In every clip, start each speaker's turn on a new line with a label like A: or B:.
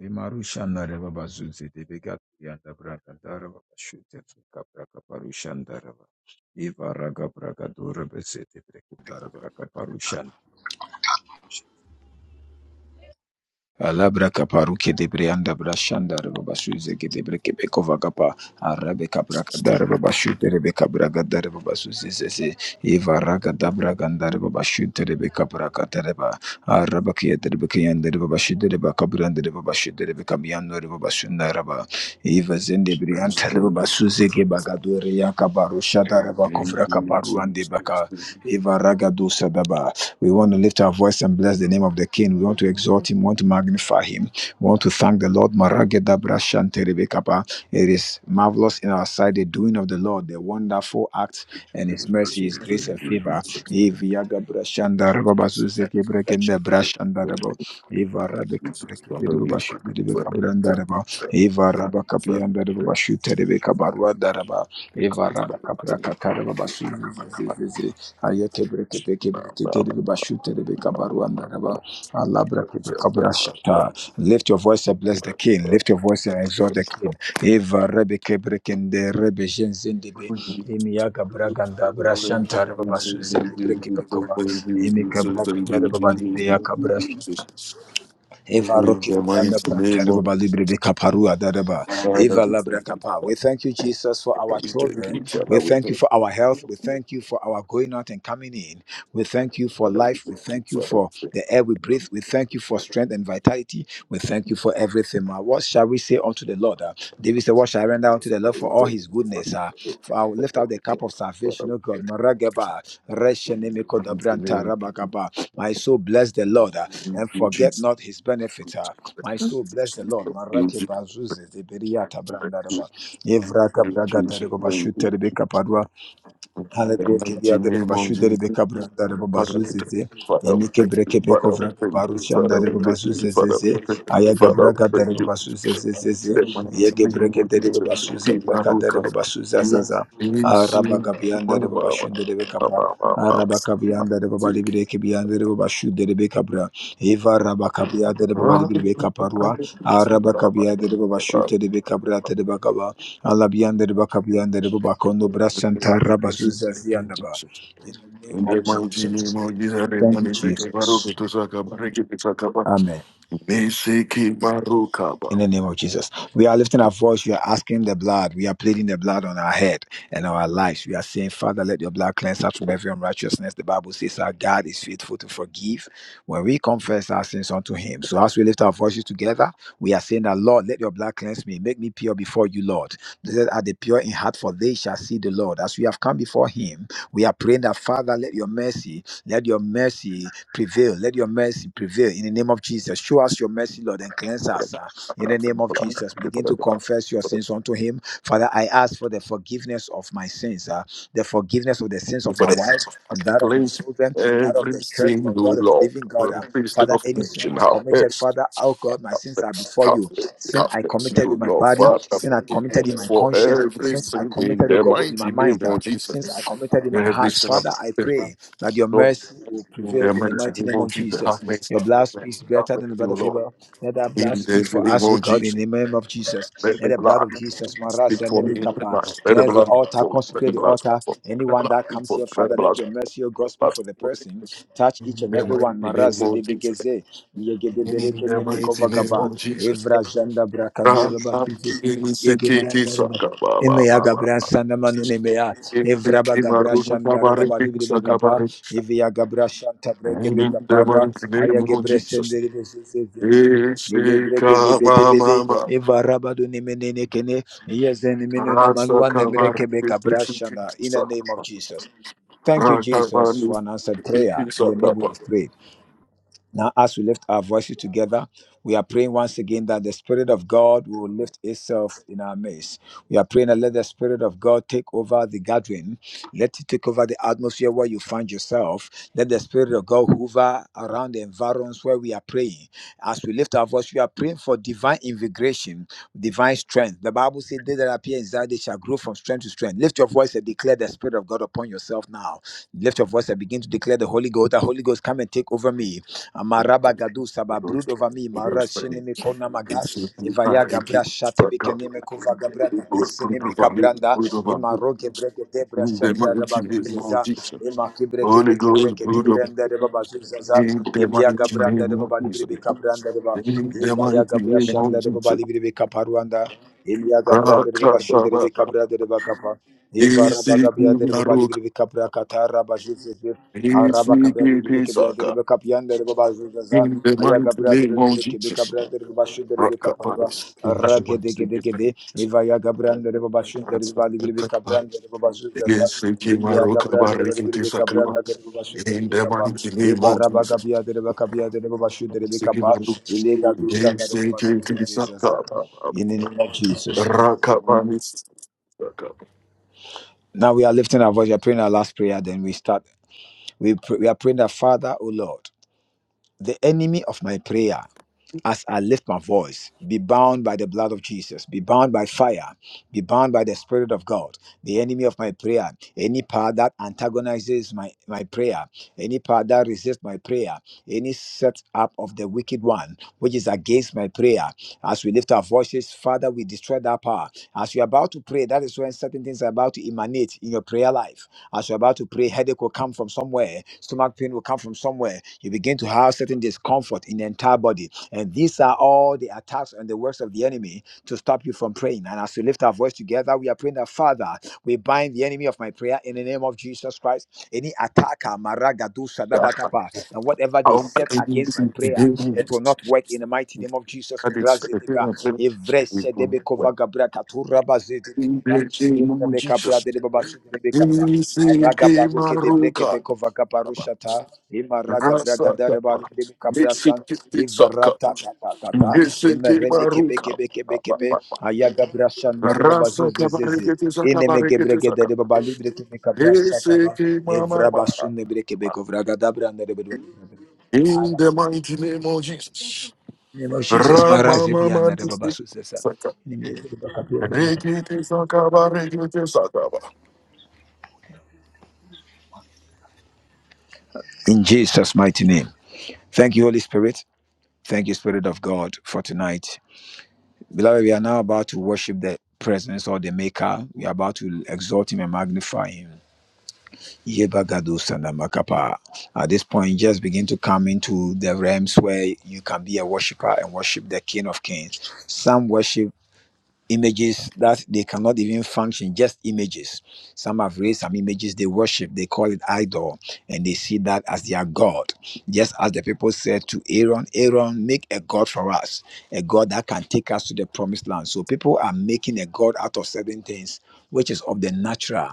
A: Limarushanda Reba Bazuzi Devigatianda Braga Darava Shute Capra Caparushanda Reva Eva Raga Braga dora Besete Brekipe
B: Karaba.
A: Capra
B: Alabra kaparu debre anda brashanda raba basu zege debre kebeko vagapa arabe kabra kadare baba shute rebe kabra gadare baba su zezeze eva raga dabra
C: Thank you, Jesus.
B: gandare baba shute rebe kabra kadare ba araba kiye derbe kiyande rebe bashi derbe kabra andere baba shute rebe kamiyando rebe basu naraba eva zende bre anta rebe basu zege bagadore ya kabaru shada raba
C: In
B: kovra kaparu ande baka eva raga dosa daba We want to lift our voice and bless the name of the King. We want to exalt him, we want to magnify him. We want to thank the Lord. Marageda brashante rebekapa. It is marvelous in our sight, the doing of the Lord, the wonderful acts and his mercy, his grace and favor. Iviaga brashanda rababazuzeke brekende brashanda ayeke breke peke breke tere de bashute de bekabaru andaraba Allah breke bekabra shata lift your voice and bless the king lift your voice and exalt the king eva rebeke breke de rebe jenzinde be imiyaga braganda brashanta reba basuze breke pekova imika braganda reba badi Eva
C: the
B: Rokibe
C: mighty name of
B: Brancareba Libre Caparua Dadaba.
C: God, I
B: Eva
C: be
B: Labra Capa. We
C: thankful.
B: thank you, Jesus, for our
C: That we thank
B: children.
C: you, Father.
B: We
C: We
B: thank you
C: thank
B: for our health.
C: you.
B: We thank you for our going out and coming in. We thank you for
C: Father, we
B: life. We
C: thank you,
B: thank you
C: Father. We thank you. Father, we
B: for
C: thank
B: the air we breathe. We thank
C: you.
B: you for strength and vitality. We thank you for everything. Ma. What shall we say unto the Lord? Ah, David said, What shall I render unto the
C: Father,
B: Lord for
C: we thank
B: all
C: you.
B: his goodness? Ah, For I will
C: Father,
B: lift up the
C: we thank
B: cup
C: you.
B: of
C: Father,
B: salvation,
C: we
B: O
C: thank
B: God.
C: you.
B: Marageba, Reshenemeko
C: In the
B: Dabranta
C: name
B: Rabakaba. My soul bless the Lord. ah and
C: of
B: forget
C: Jesus.
B: not his
C: In
B: benefit. ah. My
C: Jesus.
B: soul bless the Lord. Marake bazuze de beriata brandaraba. Evraka
C: In
B: braga
C: Jesus.
B: darego
C: In
B: bashute rebeka padua. Hale
C: the
B: breke
C: mighty
B: dia dere
C: name
B: baba
C: of
B: şu dere
C: Jesus.
B: beka branda dere baba
C: Father, we
B: zu
C: thank
B: zeze.
C: you. Father, we
B: Yemike
C: thank you.
B: breke
C: Father,
B: beko
C: we
B: vraka
C: thank
B: baru
C: you. Father,
B: şanda dere
C: we
B: baba
C: thank
B: zu
C: you. Father, we
B: zezeze.
C: thank you.
B: Aya
C: Father, we
B: gabraka dere
C: thank you.
B: baba zu zezezeze.
C: The
B: Yege
C: mighty
B: breke dere baba zu
C: name
B: zebraka
C: of
B: dere
C: Jesus.
B: baba zu zezaza.
C: In
B: Araba
C: the
B: gabiyan
C: mighty
B: dere baba şu dere beka bra. Araba kabiyan dere baba libre kebiyan dere baba şu dere beka bra. Eva raba kabiyan dere baba libre beka parua. Araba kabiyan dere baba şu dere beka dere baka ba. Alabiandere bakabiandere babakondo brasanta rabazuza ziandaba. In the name of Jesus.
C: name of Jesus, the
B: Thank you,
C: money take a baroque
B: Jesus.
C: to Sakaba, Ricky to Sakaba,
B: Amen.
C: Mesiki Marukaba.
B: In the name of Jesus, we are lifting our voice. We are asking the blood. We are pleading the blood on our head and our lives. We are saying, Father, let your blood cleanse us from every unrighteousness. The Bible says our God is faithful to forgive when we confess our sins unto Him. So, as we lift our voices together, we are saying that, Lord, let your blood cleanse me. Make me pure before you, Lord. Blessed are the pure in heart, for they shall see the Lord. As we have come before Him, we are praying that, Father, let your mercy, let your mercy prevail. Let your mercy prevail in the name of Jesus. Show us your mercy, Lord, and cleanse us. In the name of Jesus, begin to confess your sins unto Him. Father, I ask for the forgiveness of my sins, uh, the forgiveness of the sins of my wife and that of my
C: Place
B: children, that of
C: every
B: the church, oh
C: single
B: God, of the
C: law,
B: living God. uh.
C: every
B: Father,
C: single
B: any sin I
C: function,
B: have
C: how
B: committed,
C: best.
B: Father, oh God, my sins are
C: Confidence,
B: before you. Sin I
C: confidence, you
B: committed with my
C: Lord
B: body,
C: Father,
B: sin I
C: forgive
B: committed
C: me
B: in my
C: for
B: conscience, sins I
C: everything in
B: committed, oh
C: the
B: God, in my
C: mighty name
B: mind, uh,
C: of
B: sins I
C: Jesus.
B: committed in my
C: Every
B: heart.
C: sin of
B: Father, I pray that your
C: Lord,
B: mercy will
C: in
B: prevail
C: the
B: in the
C: mighty
B: mighty
C: name
B: name of
C: of Jesus,
B: Jesus.
C: have mercy,
B: Your
C: have
B: blood speaks
C: mercy, have
B: better than the
C: mercy, O
B: blood of
C: Lord,
B: Abel. Let that blood
C: in
B: speak
C: the
B: for
C: name
B: us, O
C: of
B: God, in
C: Jesus.
B: the name of Jesus.
C: Let
B: Let
C: the
B: the blood
C: blood
B: of Jesus,
C: speak
B: Marazia
C: for me in the
B: Nebekapa,
C: night. Let the
B: cleanse the
C: blood speak
B: altar,
C: for me. Let the
B: consecrate the
C: blood speak
B: altar.
C: for me. Let the
B: Anyone
C: blood
B: that
C: speak
B: comes
C: for me.
B: here,
C: Let the
B: Father, let
C: blood speak
B: your
C: for
B: mercy, O
C: me.
B: God,
C: Let the
B: speak
C: blood
B: for the person.
C: speak
B: Touch
C: for me.
B: each
C: In
B: and
C: the
B: every
C: mighty
B: one.
C: name
B: Marazia
C: of Jesus.
B: Debegeze,
C: In
B: Yegedebereke
C: the mighty name
B: Nemekovagaba,
C: of Jesus.
B: Evra Janda
C: In the
B: Brakandura Bafizis, Yegebrandere Emeya Gabra Sanda Manu Nemeya, Evraba Gabra Shanda Rebaba Libekapa, Evia Gabra Shanta Bregebekaparwa,
C: mighty name
B: Aya
C: of
B: Gebre
C: Jesus.
B: Sendere
C: Ishikababa.
B: in the name of
C: Asakabarikishikisakaba.
B: Jesus. Thank you, Jesus, for an answered prayer. In Your name we
C: Rakabarikishakaba.
B: have prayed. Now, as we lift our voices together, we are praying once again that the Spirit of God will lift itself in our midst. We are praying that let the Spirit of God take over the gathering. Let it take over the atmosphere where you find yourself. Let the Spirit of God hover around the environs where we are praying. As we lift our voice, we are praying for divine invigoration, divine strength. The Bible says, They that appear in Zion, they shall grow from strength to strength. Lift your voice and declare the Spirit of God upon yourself now. Lift your voice and begin to declare the Holy Ghost. The Holy Ghost, come and take over me. Amaraba gadusa ba
C: Because
B: brood over me.
C: it was
B: Mara
C: friend.
B: shinimi kona maga.
C: It's a
B: Ivaya gabra shate
C: Sakaba.
B: bikenime kuva gabra
C: It was
B: gadesi
C: fruit of our meat,
B: kabranda.
C: fruit of our meat.
B: imaro roge breke debra
C: In the
B: shanda
C: mighty name of
B: rebazuzeza.
C: Jesus.
B: Ima kibreke
C: Holy
B: peke
C: Ghost,
B: breke
C: brood of
B: tebrenda rebabazuzaza.
C: in the
B: Imiya
C: mighty
B: gabranda
C: name of
B: rebabali
C: Jesus.
B: biribi kabranda reba.
C: In the
B: Ivaya
C: mighty
B: gabra
C: name of
B: shanda
C: Jesus.
B: rebabali biribi kaparuanda. Imiya gabra rebabashide rebi
C: Rakababa.
B: kabra rebakapa. Eva rabaga biadere baba
C: Isikibaruka.
B: libri bika prakata rabajuzeze. Araba kabia terebe kabia
C: Isikibisaka.
B: terebe kapian dere baba zuzaza.
C: In the
B: Aya kabia
C: mighty
B: dere
C: name of
B: libri kebe
C: Jesus.
B: kabia dere baba shu dere bika parwa.
C: Rakabas.
B: Arra gede gede gede. Eva ya kabia dere baba shu dere baba libri bika kabia dere baba zuzaza.
C: Isi
B: Yemi ya
C: Maruka
B: kabia dere baba libri
C: Barikiti
B: bika kabia
C: Sakaba.
B: dere baba shu dere
C: In the
B: bika pa.
C: mighty name
B: Eva
C: of
B: raba
C: Jesus.
B: kabia dere baba kabia dere baba shu dere bika pa.
C: Isikibaruka.
B: Ile ga
C: In
B: dusha dere baba
C: the
B: zuzaza. In the name of Jesus.
C: mighty name of Jesus. Back up.
B: Now we are lifting our voice, we are praying our last prayer, then we start. We, pr- we are praying that, Father, O Lord, the enemy of my prayer as I lift my voice, be bound by the blood of Jesus, be bound by fire, be bound by the Spirit of God, the enemy of my prayer, any power that antagonizes my, my prayer, any power that resists my prayer, any setup of the wicked one which is against my prayer. As we lift our voices, Father, we destroy that power. As you're about to pray, that is when certain things are about to emanate in your prayer life. As you're about to pray, headache will come from somewhere, stomach pain will come from somewhere. You begin to have certain discomfort in the entire body. And these are all the attacks and the works of the enemy to stop you from praying. And as we lift our voice together, we are praying that Father, we bind the enemy of my prayer in the name of Jesus Christ. Any attacker, maragadu
C: Yeah, I
B: sadabakapa, and whatever
C: I
B: they
C: don't
B: set
C: think we
B: against
C: see
B: my
C: the
B: prayer,
C: game.
B: it will not work in the mighty name of Jesus.
C: I did say the
B: Mirazedega,
C: game, but we couldn't
B: evresedebekova
C: win.
B: gabra katuraba
C: In
B: zedebekeba,
C: the name of
B: evrebekabra
C: Jesus.
B: dedebaba sudebekapa. Araga
C: Nisiki
B: baruke de breke
C: Maruka.
B: peko vaga barushata. Ima raga braga
C: Rasa
B: dare
C: Kapa.
B: baru de brashan.
C: Nisiki
B: Iva
C: Tisa Kapa.
B: rata ta ta ta ta. Ima
C: Nisiki
B: rebe kebe
C: Maruka.
B: kebe kebe kebe. Ayaga brashan dare baba
C: Rasa
B: de zeze.
C: Kabarikiti
B: Ine meke
C: Sakabarikiti
B: breke dare
C: Sakapa.
B: baba libre ke brashata ba.
C: Nisiki Mama
B: Evra
C: Mama.
B: basun breke beko vraga dabra dare bedu.
C: In the mighty name of Jesus.
B: In the name of Jesus, my
C: Rama
B: rise be and
C: Mama
B: dare baba de sa.
C: Nisiki
B: In the name of Jesus.
C: Rikiti sakaba, rikiti sakaba.
B: In Jesus' mighty name. Thank you, Holy Spirit. Thank you, Spirit of God, for tonight. Beloved, we are now about to worship the presence or the maker. We are about to exalt him and magnify him. Yebagados At this point, just begin to come into the realms where you can be a worshiper and worship the King of Kings. Some worship images that they cannot even function just images some have raised some images they worship they call it idol and they see that as their god just as the people said to aaron aaron make a god for us a god that can take us to the promised land so people are making a god out of certain things which is of the natural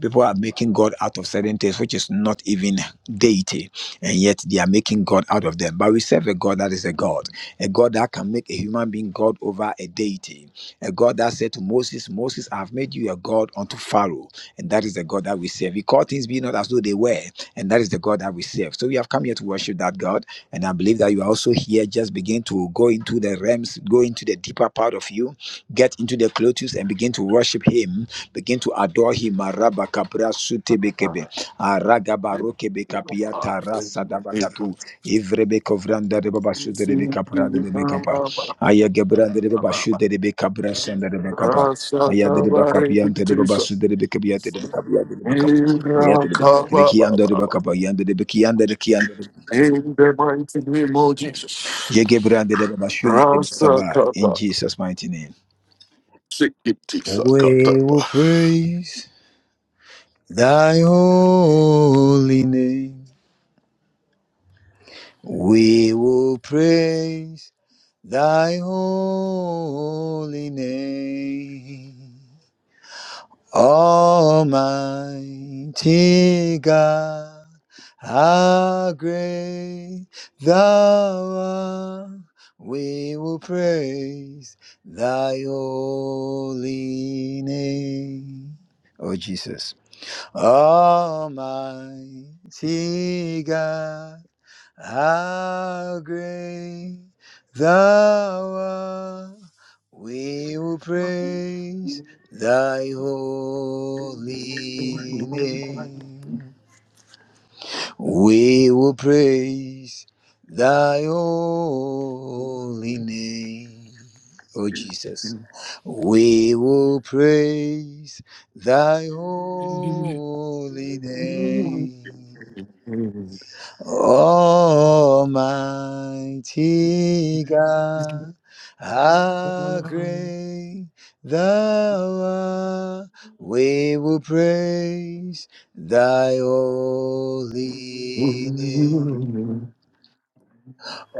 B: people are making God out of certain things, which is not even deity, and yet they are making God out of them. But we serve a God that is a God, a God that can make a human being God over a deity, a God that said to Moses, Moses, I have made you a God unto Pharaoh, and that is the God that we serve. He called things be not as though they were, and that is the God that we serve. So we have come here to worship that God, and I believe that you are also here. Just begin to go into the realms, go into the deeper part of you, get into the Clotus, and begin to worship Him Begin to adore him. Maraba kapra sute bekebe. Araga baroke bekapia tara sadabakatu. Ivrebe kovranda de baba sute de bekapra de bekapa. Aya gebra de baba sute de bekapra sende de bekapa. Aya de
C: Rasakaba,
B: bekapia de
C: rikiti
B: baba
C: sa-
B: sute de bekapia de bekapia de bekapa. Ria de
C: Irakaba,
B: bekian
C: ba,
B: de
C: ba, ba.
B: bekapa. Yanda de bekian de bekian.
C: In the mighty name of Jesus.
B: Ye gebra de baba sute de
C: Rasa
B: bekapa. In
C: Rasakaba,
B: Jesus' mighty name.
C: sikiti
B: We
C: sakataba.
B: will praise. Thy holy name we will praise, thy holy name. Almighty God, how great thou art, we will praise thy holy name. Oh, Jesus. Almighty God, how great thou art. We will praise thy holy name. We will praise thy holy name, O Jesus. We will praise thy holy name. Almighty God, how great thou art, we will praise thy holy name.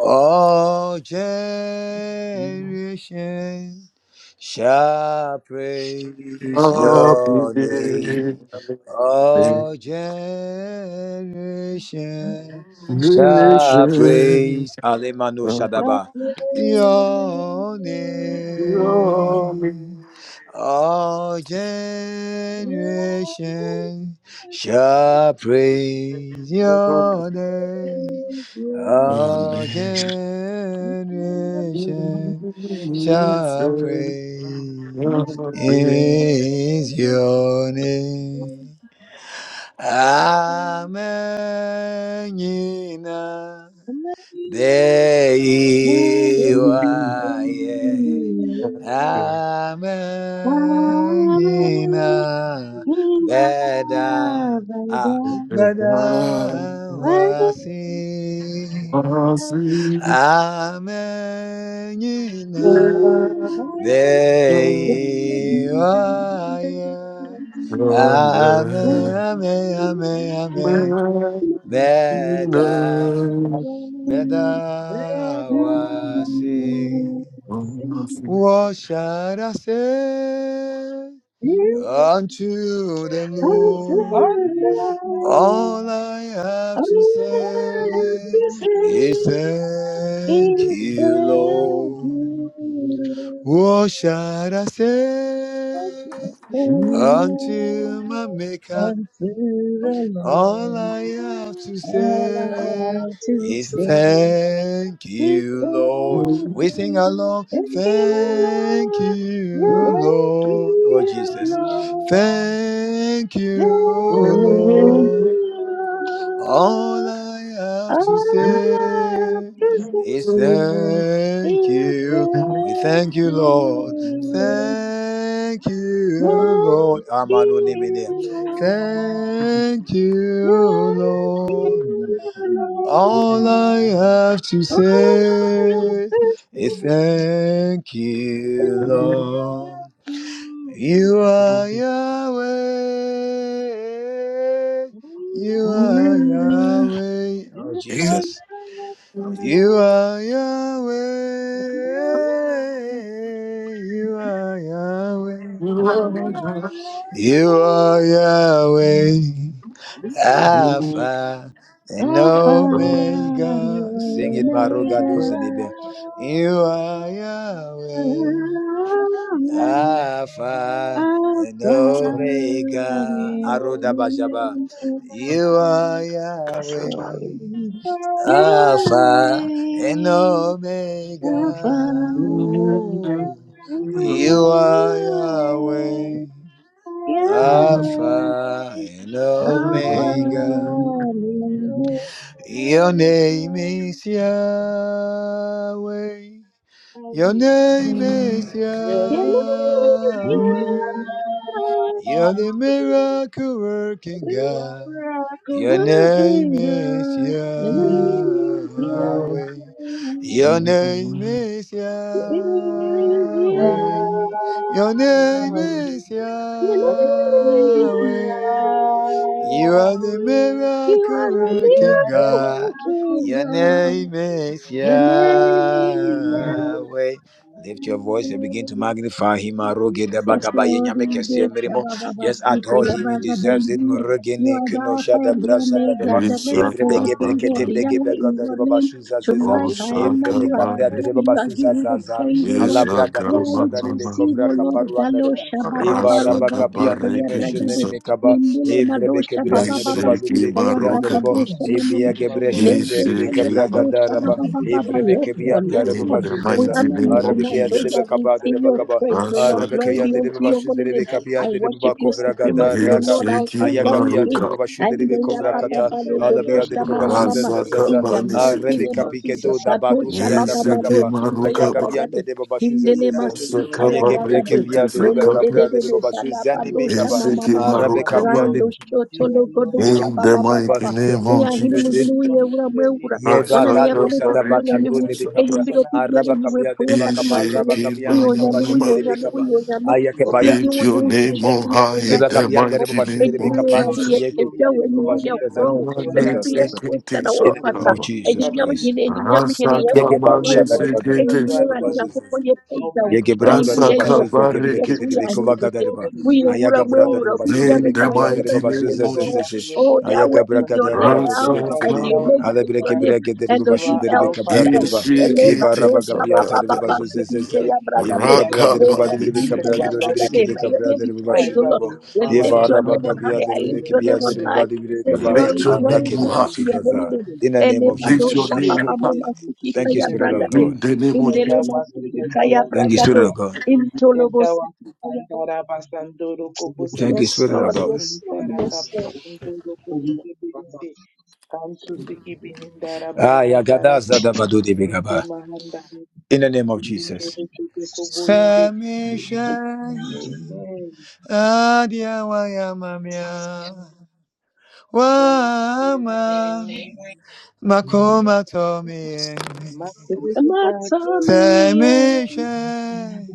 B: All
C: I
B: generations shall praise your name. All generations.
D: should
B: shall
C: Nation
B: praise Alemano
C: of
D: not
B: Shadaba your
C: your name.
B: name. All generations. shall praise your name. Our
C: Your
B: generation
C: name is a
B: shall praise
C: great
B: your name. Amen. Yina.
E: I'm
B: There you are. yeah.
C: reward.
B: Amen. Yina.
D: Thank you.
B: Beda. Ah,
C: And
D: I'm
C: I
B: beda wasi.
C: was in
B: 아멘이나 내이와야
C: your
B: 아멘 아멘 아멘
C: Thank
B: 아멘 내다 내다 와시 What shall I say unto the Lord?
E: sorry.
B: All I have
E: All
B: to
E: I have
B: say
E: to say,
B: is
E: is
B: thank you,
E: thank
B: Lord.
E: you.
B: What shall I say
E: if
B: unto my Maker?
E: unto the
B: All
E: Lord,
B: I have to
E: all I
B: say
E: have to
B: is
E: say is
D: so
B: thank
E: thank
B: you,
D: If
B: Lord.
E: you,
B: We sing
D: we
B: along,
D: can
E: thank you,
D: go,
B: thank
E: Lord,
B: you,
D: where you
E: thank
B: Lord. Oh,
D: can go,
E: you,
B: Jesus.
E: Lord,
B: Thank you,
E: thank
B: Lord.
E: you, Lord.
B: All I have
E: All
B: to
E: I have
B: say
E: to
B: is
E: say.
B: thank
E: It
B: you. We
E: will
B: thank you,
E: be
B: Lord. Thank you,
E: like
B: Lord.
E: you, like
B: Amanonimine.
E: you,
B: Thank you, Lord.
E: Lord.
B: All I have to
E: All I have
B: say
E: to
B: is
E: say
B: thank you,
D: if
E: is
B: Lord. You are Yahweh. You are Yahweh. Oh,
D: You
B: Jesus. You are Yahweh. You are Yahweh. You are Yahweh. Alpha and
D: can
E: Alpha
D: go,
E: and
B: Omega.
D: Your name
B: Sing it,
E: Omega.
C: you.
B: Marugaduzidibia. You are Yahweh. Alpha and
E: Alpha and
B: Omega. Arodabashaba.
E: Omega.
B: You are
E: Yes,
B: Yahweh.
E: Lord. Yahweh,
B: Alpha and
E: Alpha,
B: Omega. Ooh. You are
E: Yahweh,
B: Yahweh. Alpha
E: Yahweh,
B: and
E: Alpha,
B: Omega.
E: Yahweh,
B: Your
D: is
B: name is Yahweh. Your name is Yahweh.
E: Yahweh,
B: You're the
D: Yahweh.
B: miracle working
D: You are
B: God.
D: miracle
B: Your
D: working for
B: name
E: working
B: is
E: God,
D: me.
E: Yahweh,
D: Yeah,
B: Yahweh. Your name is
D: Yahweh,
E: Yahweh, Yahweh.
B: Yahweh. Your name
D: Yahweh.
B: is
E: You
D: Your name is
B: Yahweh. You are the
D: Yahweh.
B: miracle
E: are the
D: You
B: working
D: are the
E: miracle
B: God.
D: miracle
E: working
B: Your
D: working
E: God.
B: name
D: for me.
B: is
E: Your name
D: Your
E: is
D: name is
B: Yahweh. Lift your voice
D: Yahweh.
B: and begin to magnify him. Aroge
D: You are
B: de
E: Yes,
D: the mirror
B: bagabaye
E: Lord,
B: nyame kese
E: indeed.
B: mirimo.
E: shabba
B: Just adore him. He deserves it.
E: You
B: Murugini
E: are the
B: kuno
E: Alpha
B: shada
E: and the
B: brasa da
E: Omega,
B: deba.
E: the
B: Evre
E: miracle
B: bege
E: working God.
B: brekete brege
E: Yahweh
B: bega
E: is
B: da
E: your
B: deba
E: name.
B: bashuza zeza.
E: Tonight I honor
B: Evre
E: you, I
B: beka brea da
E: adore
B: deba
E: you,
D: miracle working
E: I
B: bashuza
E: give you the
B: zaza.
D: God.
E: praise, O
B: Allah
E: Lord.
B: braga
E: We are
B: dosa
E: ready
B: da
D: According
E: to
D: to
B: debe
D: the
E: receive,
B: kovra
E: O
D: will
E: Lord,
D: of
B: kaparuanda
E: Galo
B: deba.
D: God,
B: Eva
C: Rasa
B: rabakapia
E: Shabababa-sita,
D: and
B: nene
C: kabare
D: the
C: kiki
B: meshene
D: purpose
E: yabragade.
B: neme kaba.
C: sakapa,
E: Indile
D: of
B: Evrebe
E: Madosha Baba
B: kebriyanda de
E: Baba
B: baba
C: isiki
B: libre
D: God,
B: kebriyanda
C: maruka
B: de bo.
D: and you are the will of God,
E: Sita
B: Evya
D: and the will of
B: gebreşende rebe
E: Mesekele
B: kebra gada
E: badosha
D: we
E: ba
B: raba.
C: Ishikibaba.
E: ba
D: give
E: ba
D: you
E: ba ba.
B: Evrebe
E: Yes,
D: Father, the
E: Lord.
B: kebriyanda
E: Yes,
B: de
D: glory,
C: In
B: baba
E: Lord.
C: the
D: Father, the
E: We
B: zuzaza.
C: mighty
E: honor
D: glory, the
E: you
C: name of
B: Arabi
E: tonight,
D: glory.
B: kiyade
E: oh
B: de
C: Jesus.
B: be
E: Lord. We
D: I
B: kabade
E: sing
B: de
E: your
D: bless
B: bakaba.
D: you, I
E: praise, oh Lord.
B: Arabi
E: Glory
D: exalt
E: be
B: kiyade
D: you.
C: Rasakababa.
B: de
E: unto
B: baba
E: your
B: şüzde
E: holy
B: de be
E: name.
D: I
E: I
B: kabiyade de
D: worship
B: baba
E: worship
D: you,
E: your
D: I
B: kovra
D: adore you,
B: gada
E: supremacy,
D: and
E: oh
D: I
B: raga.
E: Lord, our soon
D: glorify
B: Aya
E: coming
D: you.
B: kabiyade
E: King.
B: de
C: Ishikibaba.
B: baba şüzde de
E: And
D: Until
B: be
E: they
D: you
E: are
B: kovra
D: are
E: Papa
B: kata.
D: young, that
E: Balo
D: I am
B: Alabiyade
D: is
B: de
E: Godosha
D: your
B: baba
E: Mama
D: name, O
E: Mama.
D: God.
B: zuzazazaza.
E: In
C: Rasakababa.
E: the mighty
B: Arabi
D: Jehovah
E: name
C: Nisiki.
E: of
D: El
B: kapike
E: Jesus.
B: do
D: Shaddai
B: da
D: is your
B: badu
E: Sadosha
D: name,
B: diyanda
E: Baba Malo
D: Jehovah
B: brakapa.
E: Shinte
D: Elohim
E: ya
B: Aya
D: is
C: Ishikibaba.
D: your
B: kabiyade
E: Bragade.
D: name.
B: de baba şüzde
D: Be
E: Hindele
D: thou
B: zezeze.
E: Masuta ya
D: exalted
B: Yege
D: and
C: Rasakababa.
D: be
B: breke
D: thou
E: Bragado.
B: piyade de be
E: Mele
D: magnified.
E: de
C: Rikitisakaba.
E: de
B: kabra
E: de
B: de
E: de
B: baba
D: You
B: şüzde
E: Salabadosha
D: alone are
E: Mama
D: the
E: Mama.
D: only
B: Arabe
D: one O
B: kabia
C: Ishikibaba.
B: de
D: God.
E: Rando
D: You
E: Shotolo
D: alone
B: de
D: are
E: Godosha
C: In the
E: Baba
D: great.
E: Baba.
C: mighty
D: You
C: name
D: are
C: of
D: great
E: Uyahini
D: and
E: muzvini
C: Jesus.
E: uye
D: awesome is your
E: uramweura
D: name,
B: Ye
D: my Lord
E: wanana
B: baga
D: and King.
E: yafanete
C: Rasakababa.
B: sada baga
E: unyami
D: I
B: de be
E: enyi
D: worship
C: Rikitisakaba.
E: mbiro
D: and I
E: pidiyane
B: Araba
D: bless
E: nyimwe
D: you.
B: kabia de de
E: poye
D: I
E: kapi
D: join the
E: matoye
B: araba kabia
D: 24
B: de de
E: uyonyami
D: fires of
C: Ishikibaba.
B: de be
E: uyonyami
D: Scaridus and
E: uyonyami
D: God
B: Aya ke
D: before Lord
B: baya.
E: opindi
C: Lift
E: uzi
C: your
D: before
C: name
D: the
C: on
D: Holy
E: uzvishandiya
C: high
D: Spirit
B: Ye
D: of
C: in
E: erani
B: baga
C: the
D: Peace.
B: de
E: yakupo
B: de
C: mighty
D: I
C: name
E: enyi
B: de be
D: take
C: of
E: mbiro
D: the
E: erani
D: God the
C: Jesus.
B: Ye ke
D: glory,
B: bia
E: yepejawo
B: de
D: take
E: enyi mbiro
D: God
B: babashu
D: the
B: de
D: honor,
B: za
E: yakurowo
D: take God
B: za
E: enyi
D: the
C: Mane
B: za
E: mbiro
B: za
D: adoration.
C: sekete
E: yesuwesana
B: In the
D: I
B: name
E: wofasa
B: of
D: bless
C: sakaba.
D: you,
E: enyi
B: Jesus
D: I
E: mnyama
D: bless
B: Christ.
E: hine
D: you.
E: enyi mnyama hine
C: Rasa
D: I
B: Ye ke ba
D: adore
C: kamane
D: you,
E: yaukwatipoepa
B: de
D: I
B: baga
D: adore
E: enyi
C: sekete
D: you,
E: mbiro
D: I
B: de
C: sa-
E: erani
B: baba
D: adore you.
E: yakupo yepejawo
B: Ye
D: Almighty
E: enyi
D: God
B: gebrando de
E: mbiro
D: and
C: Rasa
B: baba suze
E: yejaukesi
D: everlasting
B: gebre
C: kabare
D: King.
E: yesu
B: gedere
C: kete
B: be
C: sa.
B: kova
E: uyahini
D: Take
B: gadere
E: muzvini
B: ba.
D: all the
E: uye
D: praise,
B: Aya
D: take
B: gabra da
D: all
B: de
E: uramweura
D: the
B: baba
D: praise,
B: şundere
E: pidiyane
C: In
B: be
D: take
C: the
D: all
B: kapyan
D: the
B: de
E: nyimwe
C: mighty
B: baba
D: honor,
C: name
D: take
B: suze
C: of
B: ze
D: all
B: ze
D: the
B: ze.
C: Jesus.
E: Oh,
D: adoration.
B: Aya
E: Yahweh
B: gabra
D: You
E: is
D: are the
E: your name.
B: ba
D: Edawa
B: de de be
C: Rasa
B: de
E: Alpha
D: Fedawa
B: be
E: and
B: de.
E: the
C: kama.
D: Fedawa
E: Omega
B: Ale
E: is
B: bre
E: your name.
B: gebre
D: Fedawa.
B: gedere baba
D: You
E: Elohim
D: are
B: şundere be
E: El
D: Alpha
B: kabra
D: and
E: Shaddai.
B: de ba.
D: Omega.
B: Eva
C: Ishikete
E: Elevado
D: You
B: raba
D: Are the
B: gabya
D: Lord the
B: de
C: sakata.
B: baba
E: Shabababa
D: beginning
B: suze
D: and
B: ze
D: the
E: Sukinte
D: end.
B: Yemi
E: Yabragade.
D: Without
B: gabra de
D: you
C: Rakama
B: baba
D: we
E: Lema
D: are
B: de be
E: Sukinte
D: nothing,
B: kabra de
D: my
B: de
C: sekete
D: Lord
B: bre
C: sa.
D: and
E: Yabragade.
B: kebe
E: May
D: King.
E: your
B: kabra
E: name
B: de
E: be
B: baba
D: I
E: praised, O
B: şundere
E: Lord.
D: Rabbi,
B: bo.
E: We
D: you are
E: lift
B: Eva
C: Rasa
E: your
D: able
B: raba
E: name
D: to
E: on
C: kama.
B: gabya
E: high.
B: de
E: I
D: encounter
B: de
E: lift
D: your
E: your
B: kebya
E: name
B: de
E: on
D: mercy.
B: baba
E: high.
B: de bre
E: Say
D: You
B: kaba.
D: are
C: Lift
E: glory,
C: your
D: able to
E: glory
B: Arake
C: name on
E: be
B: keda ba
C: high.
D: encounter
E: unto your
B: suze
D: your
E: holy name.
D: mercy.
B: In the name of
E: Elevado
C: Lift
D: Nyame
C: your
B: Jesus.
D: bi a
C: name
D: ɛda
C: on
D: hɔ a
C: high.
E: Shabababa
D: yɛde bɛtutu
E: Sukinte
B: Thank
D: yɛn
B: you,
D: ho a
B: Spirit
D: ɛbɛyɛ
B: of
E: Yabragade.
D: yie.
B: God.
C: In the name of
D: Yɛda
C: Jesus.
D: wo
E: Indelema
D: ase,
E: Sukinte
D: yɛda wo ase,
B: Thank you,
D: yɛda
B: Spirit
E: Yabragado.
D: wo
B: of God.
D: ase.
E: Intolobo
D: Yɛda wo ase,
E: Sukinte Yabragade.
D: Kandara Basandoro
B: Thank
D: Koboseke,
B: you,
E: Yes,
B: Spirit of
E: Lord.
B: God.
E: Yes, Lord.
D: Nkaraka
E: Yes, Lord.
D: Basandoro Koseke Birinde, Kantu Siki Bihindara
B: Ah,
D: Barahandara
B: yagada
D: Bo,
B: zada badudi
D: Ute
B: bigaba.
D: Mahandara
B: In the name of
D: Bihinde,
B: Jesus.
D: Bete Koboinde.
B: Samisha
D: Amen.
B: adia wayamamia wama
D: Hallelujah.
B: makoma tomi
D: Makuru
E: I
D: Bato,
B: Samisha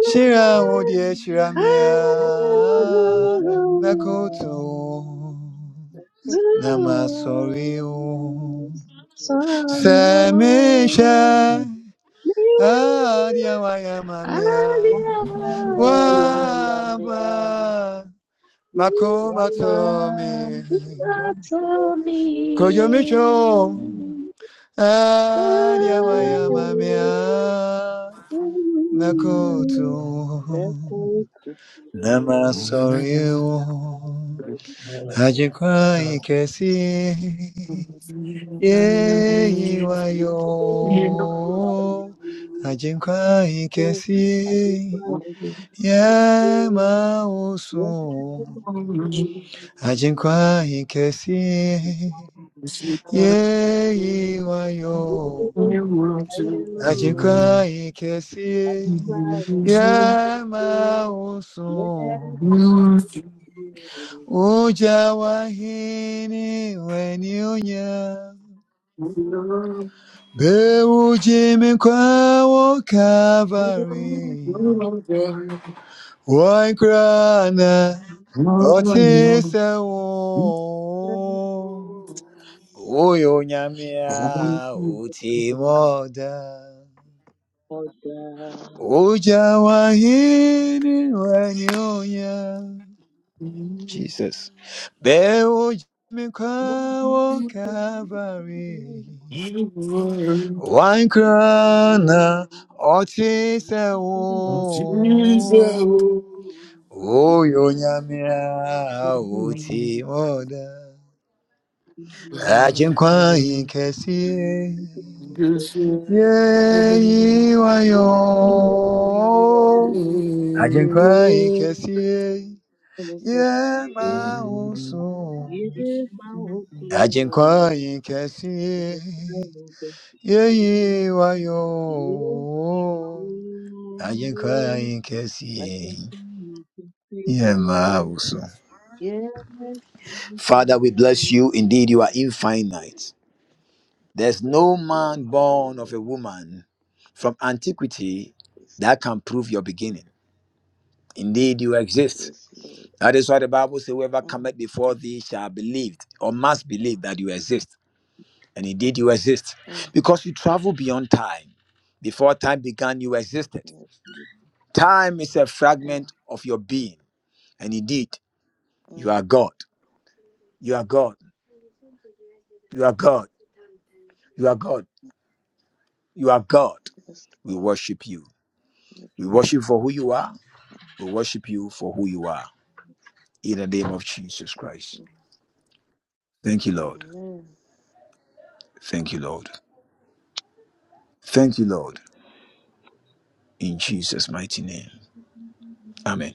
B: shira odie shiramia nakoto
E: do.
B: namasoriu
E: Sorry, Lord.
B: Samisha Adiawaya mamiya wama makuma tomi
D: mama,
B: kujomicho.
E: Matsumi.
B: Adiawaya mamiya nakuto namasuliu. Ajukai kesi
C: You
D: you.
B: yeiwayo ajukai kesi. 夜满雾凇，爱情快意可惜，夜已晚涌，爱情快意可惜，夜满雾凇，uja
C: are
B: wahini wenionya, beuji mikwa wo Calvary. Why grana otise wo Uyo nyamia utimoda
D: Oh, God.
B: Uja wahini wanyonya Jesus Beo
D: Yes,
B: mikwa wo kabari Why grana otise
D: you
C: Jesus.
B: wo oyo nyamea
C: Amen.
B: otimoda agyenkwa yeyiwayo agyenkwa nkɛseɛ yɛma wo so yeyiwayo agyenkwa
D: know. I
B: nkɛseɛ
D: can feel you, can feel
B: yɛma
D: it.
B: so
D: Yes, we
B: Father, we bless you. Indeed, you are
D: do.
B: infinite. There's
D: And
B: no
D: I
B: man
D: glorify your
B: born of
D: name.
B: a woman from antiquity
D: Yes,
B: that can prove your beginning. Indeed, you exist.
D: yes, Lord.
B: That is why the Bible says, Whoever
D: Mm,
B: cometh before thee shall believe or must believe that you exist. And indeed, you exist
D: mm,
B: because you travel beyond time. Before time began, you existed.
D: yes, mm,
B: Time is a
D: mm.
B: fragment of your being. And indeed, you are God. You are God. You are God. You are God. You are God.
D: Yes,
B: We
D: Lord.
B: worship you.
D: Yes,
B: We
D: Lord.
B: worship for who you are. We worship you for who you are. In the name of Jesus Christ.
D: Mm.
B: Thank you, Lord.
D: Amen.
B: Thank you, Lord. Thank you, Lord. In Jesus' mighty name. Amen.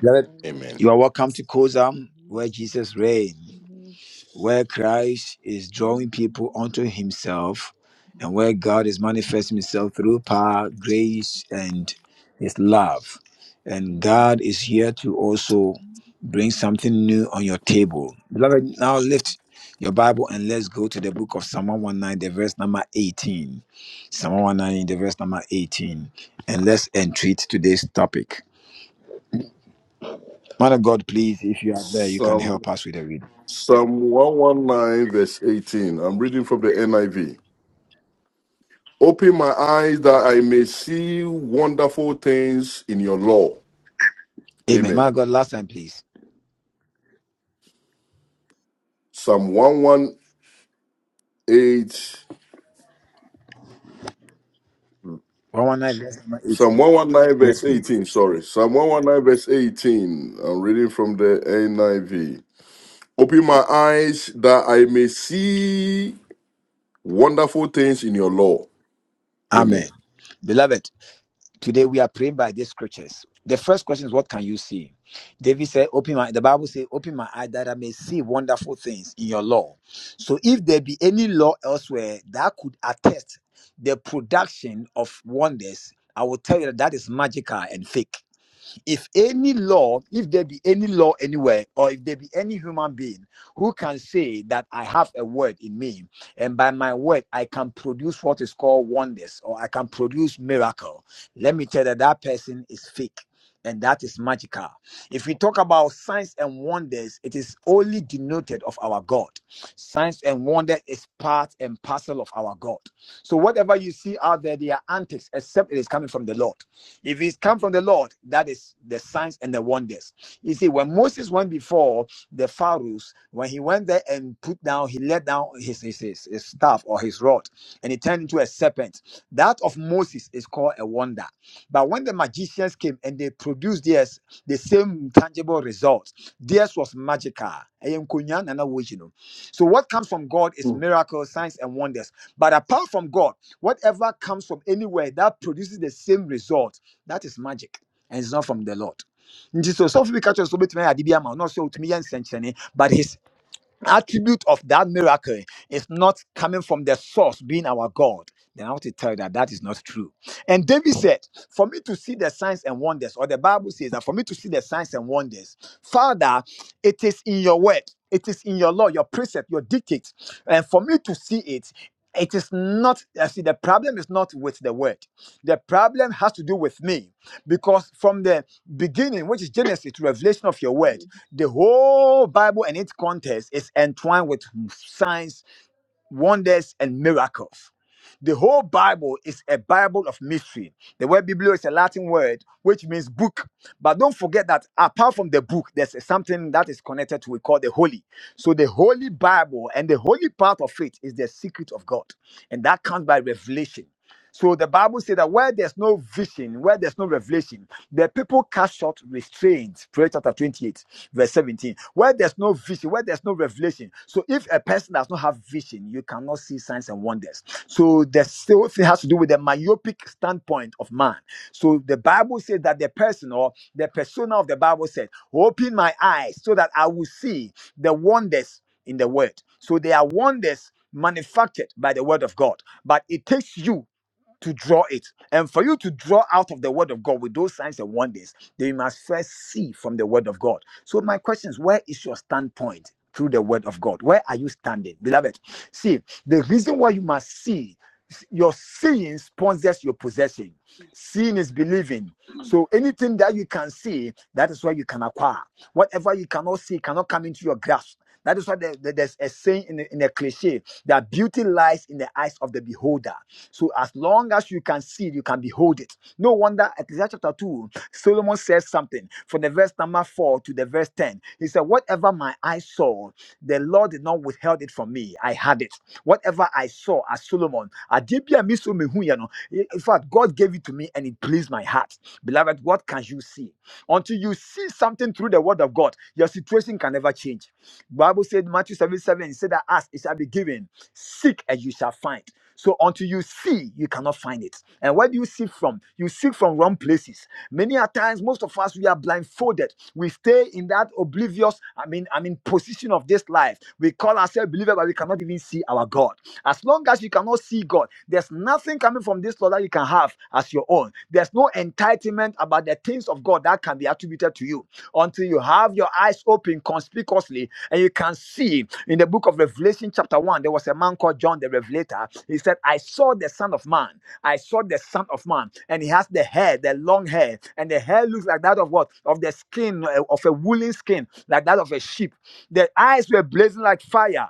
B: Beloved,
D: Amen.
B: You are welcome to Kozam, where Jesus reigns, where Christ is drawing people unto himself, and where God is manifesting himself through power, grace, and his love. And God is here to also Bring something new on your table. Beloved, now lift your Bible and let's go to the book of Psalm 119, the verse number 18. Psalm 119, the verse number 18. And let's entreat today's topic. Man of God, please, if you are there, you can
C: Psalm,
B: help us with the reading.
C: Psalm 119, verse 18. I'm reading from the NIV. Open my eyes that I may see wonderful things in your law.
B: Amen.
C: Amen.
B: Man of God, last time, please.
C: Psalm 118,
B: 119, verse number
C: Psalm
B: 18.
C: 119,
B: Yes,
C: verse
B: please.
C: 18. Sorry. Psalm 119, verse 18. I'm reading from the NIV. Open my eyes that I may see wonderful things in your law.
B: Amen.
C: Amen.
B: Beloved, Today we are praying by these scriptures. The first question is, what can you see? David said, Open my the Bible says, Open my eye that I may see wonderful things in your law. So if there be any law elsewhere that could attest the production of wonders, I will tell you that that is magical and fake if any law, if there be any law anywhere, or if there be any human being who can say that I have a word in me, and by my word I can produce what is called wonders, or I can produce miracle, let me tell you that that person is fake. And that is magical. If we talk about signs and wonders, it is only denoted of our God. Signs and wonder is part and parcel of our God. So whatever you see out there, they are antics, except it is coming from the Lord. If it's come from the Lord, that is the signs and the wonders. You see, when Moses went before the Pharaohs, when he went there and put down, he let down his, his, his, his staff or his rod, and it turned into a serpent. That of Moses is called a wonder. But when the magicians came and they produced theirs, the same tangible result, theirs was magical. no. So what comes from God is
C: Mm.
B: miracles, signs, and wonders. But apart from God, whatever comes from anywhere that produces the same result that is magic. And it's not from the Lord. Nti so sɔfo bi ka kyerɛ sɛ obetumi ayɛ ade bi ama wo na ɔsɛ otumi yɛ nsɛnkyerɛnne, attribute of that miracle is not coming from the source being our God, then I want to tell you that that is not true. And David said, For me to see the signs and wonders, or the Bible says that for me to see the signs and wonders, Father, it is in your word, it is in your law, your precept, your dictates. And for me to see it, it is not, I see, the problem is not with the word. The problem has to do with me because from the beginning, which is Genesis to Revelation of your word, the whole Bible and its context is entwined with signs, wonders, and miracles. The whole Bible is a Bible of mystery. The word Biblio is a Latin word which means book. But don't forget that apart from the book, there's something that is connected to we call the holy. So the holy Bible and the holy part of it is the secret of God. And that comes by revelation. So the Bible says that where there's no vision, where there's no revelation, the people cast short restraints. Proverbs chapter 28 verse 17 where there's no vision where there's no revelation so if a person does not have vision you cannot see signs and wonders so the still thing has to do with the myopic standpoint of man so the bible says that the person or the persona of the bible said open my eyes so that i will see the wonders in the word so there are wonders manufactured by the word of god but it takes you to draw it. And for you to draw out of the word of God with those signs and wonders, then you must first see from the word of God. So, my question is where is your standpoint through the word of God? Where are you standing, beloved? See, the reason why you must see your seeing sponsors your possession. Seeing is believing. So anything that you can see, that is what you can acquire. Whatever you cannot see cannot come into your grasp. That is why there's a saying in a cliche that beauty lies in the eyes of the beholder. So as long as you can see it, you can behold it. No wonder Ecclesiastes chapter 2, Solomon says something from the verse number 4 to the verse 10. He said, Whatever my eyes saw, the Lord did not withheld it from me. I had it. Whatever I saw as Solomon, adeɛ bi a mesu mehu yɛ no, in fact, God gave it to me and it pleased my heart. Beloved, what can you see? Until you see something through the word of God, your situation can never change. Bible said Matthew 7 7, he said that ask it shall be given, seek and you shall find. So until you see, you cannot find it. And where do you see from? You see from wrong places. Many a times, most of us we are blindfolded. We stay in that oblivious, I mean, I mean, position of this life. We call ourselves believers, but we cannot even see our God. As long as you cannot see God, there's nothing coming from this law that you can have as your own. There's no entitlement about the things of God that can be attributed to you until you have your eyes open conspicuously and you can see in the book of Revelation, chapter 1, there was a man called John the Revelator. He said, I saw the Son of Man. I saw the Son of Man. And he has the hair, the long hair. And the hair looks like that of what? Of the skin, uh, of a woolen skin, like that of a sheep. The eyes were blazing like fire.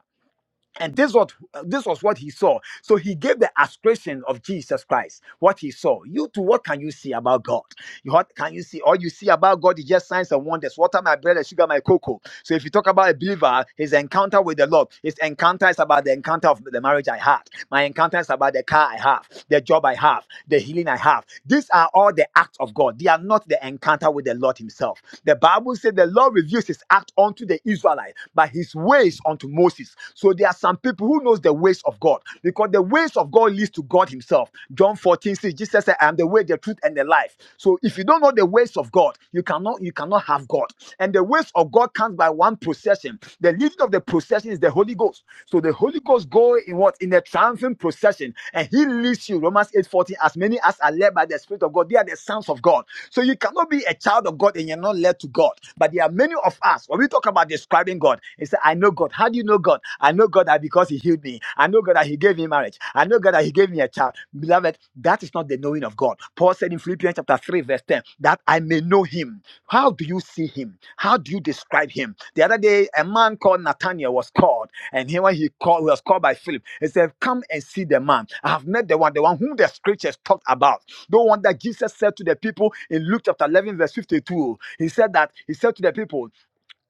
B: And this was this was what he saw. So he gave the ascription of Jesus Christ, what he saw. You too, what can you see about God? You- What can you see? All you see about God is just signs and wonders. Water my bread and sugar my cocoa. So if you talk about a believer, his encounter with the Lord, his encounter is about the encounter of the marriage I had. My encounter is about the car I have, the job I have, the healing I have. These are all the acts of God. They are not the the encounter with the Lord Himself. The Bible said the Lord reveals His act unto the Israelite, but His ways unto Moses. So there are some people who knows the ways of God because the ways of God leads to God Himself. John 14 says, Jesus said, I am the way, the truth, and the life. So if you don't know the ways of God, you cannot you cannot have God. And the ways of God comes by one procession. The leading of the procession is the Holy Ghost. So the Holy Ghost goes go in what in the triumphant procession, and he leads you. Romans 8:14. As many as are led by the Spirit of God, they are the sons of God. So you cannot be a child of God and you're not led to God. But there are many of us when we talk about describing God, he said, I know God. How do you know God? I know God that because he healed me. I know God that he gave me marriage. I know God that he gave me a child. Beloved, that is not the knowing of God. Paul said in Philippians chapter 3, verse 10, that I may know him. How do you see him? How do you describe him? The other day, a man called Nathaniel was called and here when he called, was called by Philip, he said, Come and see the man. I have met the one, the one whom the scriptures talked about. The one that Jesus said to the people in Luke chapter 11, verse 52. He said that, he said to the people,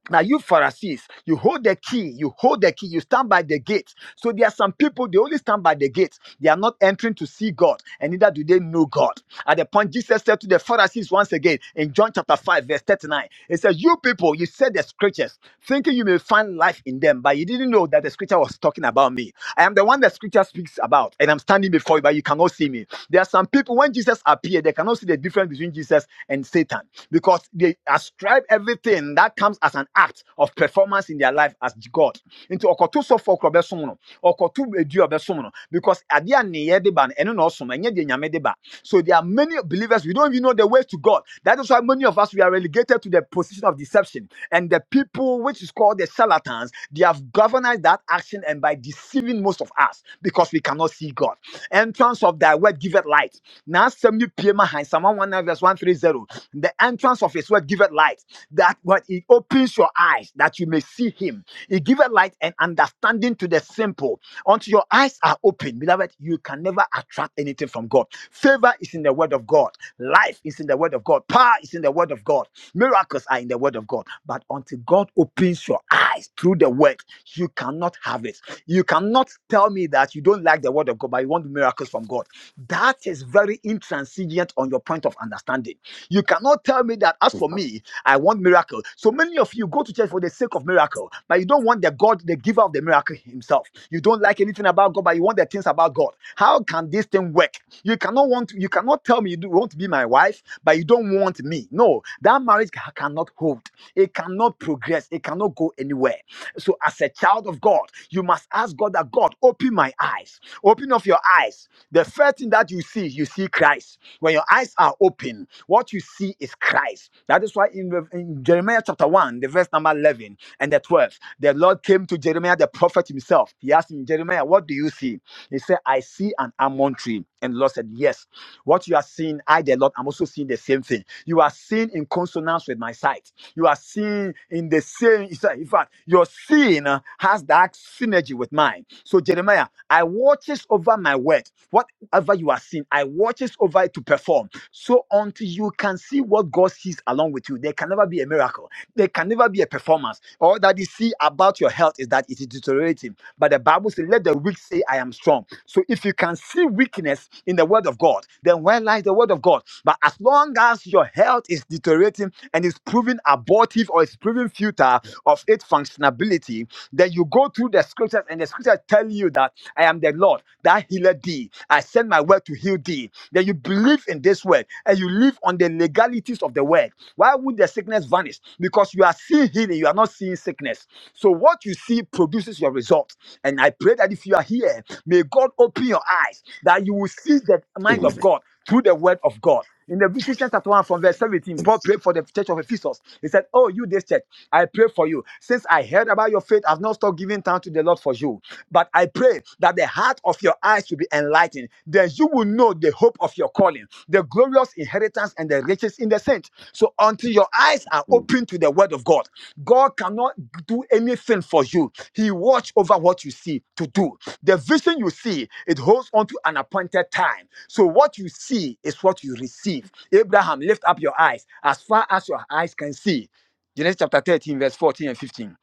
B: now, you Pharisees, you hold the key, you hold the key, you stand by the gate. So, there are some people, they only stand by the gate. They are not entering to see God, and neither do they know God. At the point, Jesus said to the Pharisees once again in John chapter 5, verse 39, it says, You people, you said the scriptures, thinking you may find life in them, but you didn't know that the scripture was talking about me. I am the one that scripture speaks about, and I'm standing before you, but you cannot see me. There are some people, when Jesus appeared, they cannot see the difference between Jesus and Satan because they ascribe everything that comes as an act of performance in their life as God. Into okotu so for krobe sumno, okotu edu obe sumno, because adia niye deba and eno no sum enye de nyame deba. So there are many believers we don't even know the way to God. That is why many of us we are relegated to the position of deception and the people which is called the charlatans. They have governed that action and by deceiving most of us because we cannot see God. Entrance of thy word giveth light. Now 70 PM behind Psalm 119 verse 130. The entrance of his word giveth light, that when he opens your eyes, that you may see him. He giveth light and understanding to the simple. Until your eyes are open, beloved, you can never attract anything from God. Favor is in the word of God. Life is in the word of God. Power is in the word of God. Miracles are in the word of God. But until God opens your eyes through the word, you cannot have it. You cannot tell me that you don't like the word of God, but you want miracles from God. That is very intransigent on your point of understanding. You cannot tell me that as for me, I want miracle. So many of you go to church for the sake of miracle, but you don't want the God, the giver of the miracle himself. You don't like anything about God, but you want the things about God. How can this thing work? You cannot want, you cannot tell me you do- want to be my wife, but you don't want me. No, that marriage ca- cannot hold. It cannot progress. It cannot go anywhere. So, as a child of God, you must ask God that God open my eyes, open up your eyes. The first thing that you see, you see Christ. When your eyes are open, what you see is Christ. That is why in, Rev- in Jeremiah chapter 1, the verse number 11 and the 12, the Lord came to Jeremiah, the prophet himself. He asked him, Jeremiah, what do you see? He said, I see an almond tree. And the Lord said, Yes, what you are seeing, I, the Lord, I'm also seeing the same thing. You are seeing in consonance with my sight. You are seeing in the same, in fact, your seeing uh, has that synergy with mine. So, Jeremiah, I watches over my word. Whatever you are seeing, I watches over it to perform. So, until you can see what God sees along with you, there can never be a miracle. There can never be a performance. All that you see about your health is that it is deteriorating. But the Bible says, let the weak say, I am strong. So if you can see weakness in the word of God, then where lies the word of God? But as long as your health is deteriorating and is proving abortive or is proving futile of its functionability, then you go through the scriptures and the scriptures tell you that I am the Lord that healeth thee. I send my word to heal thee. Then you believe in this word and you live on the legalities of the word why would the sickness vanish? Because you are seeing healing, you are not seeing sickness. So what you see produces your result. And I pray that if you are here, may God open your eyes that you will see the mind of
C: Mm.
B: God through the word of God. In the Ephesians chapter 1 from verse 17, Paul prayed for the church of Ephesus. He said, Oh, you this church, I pray for you. Since I heard about your faith, I've not stopped giving thanks to the Lord for you. But I pray that the heart of your eyes will be enlightened. Then you will know the hope of your calling, the glorious inheritance and the riches in the saints. So until your eyes are
C: Amen.
B: open to the word of God, God cannot do anything for you. He watch over what you see to do. The vision you see, it holds on to an appointed time. So what you see is what you receive. Abraham, lift up your eyes as far as your eyes can see. Genesis chapter 13, verse 14 and 15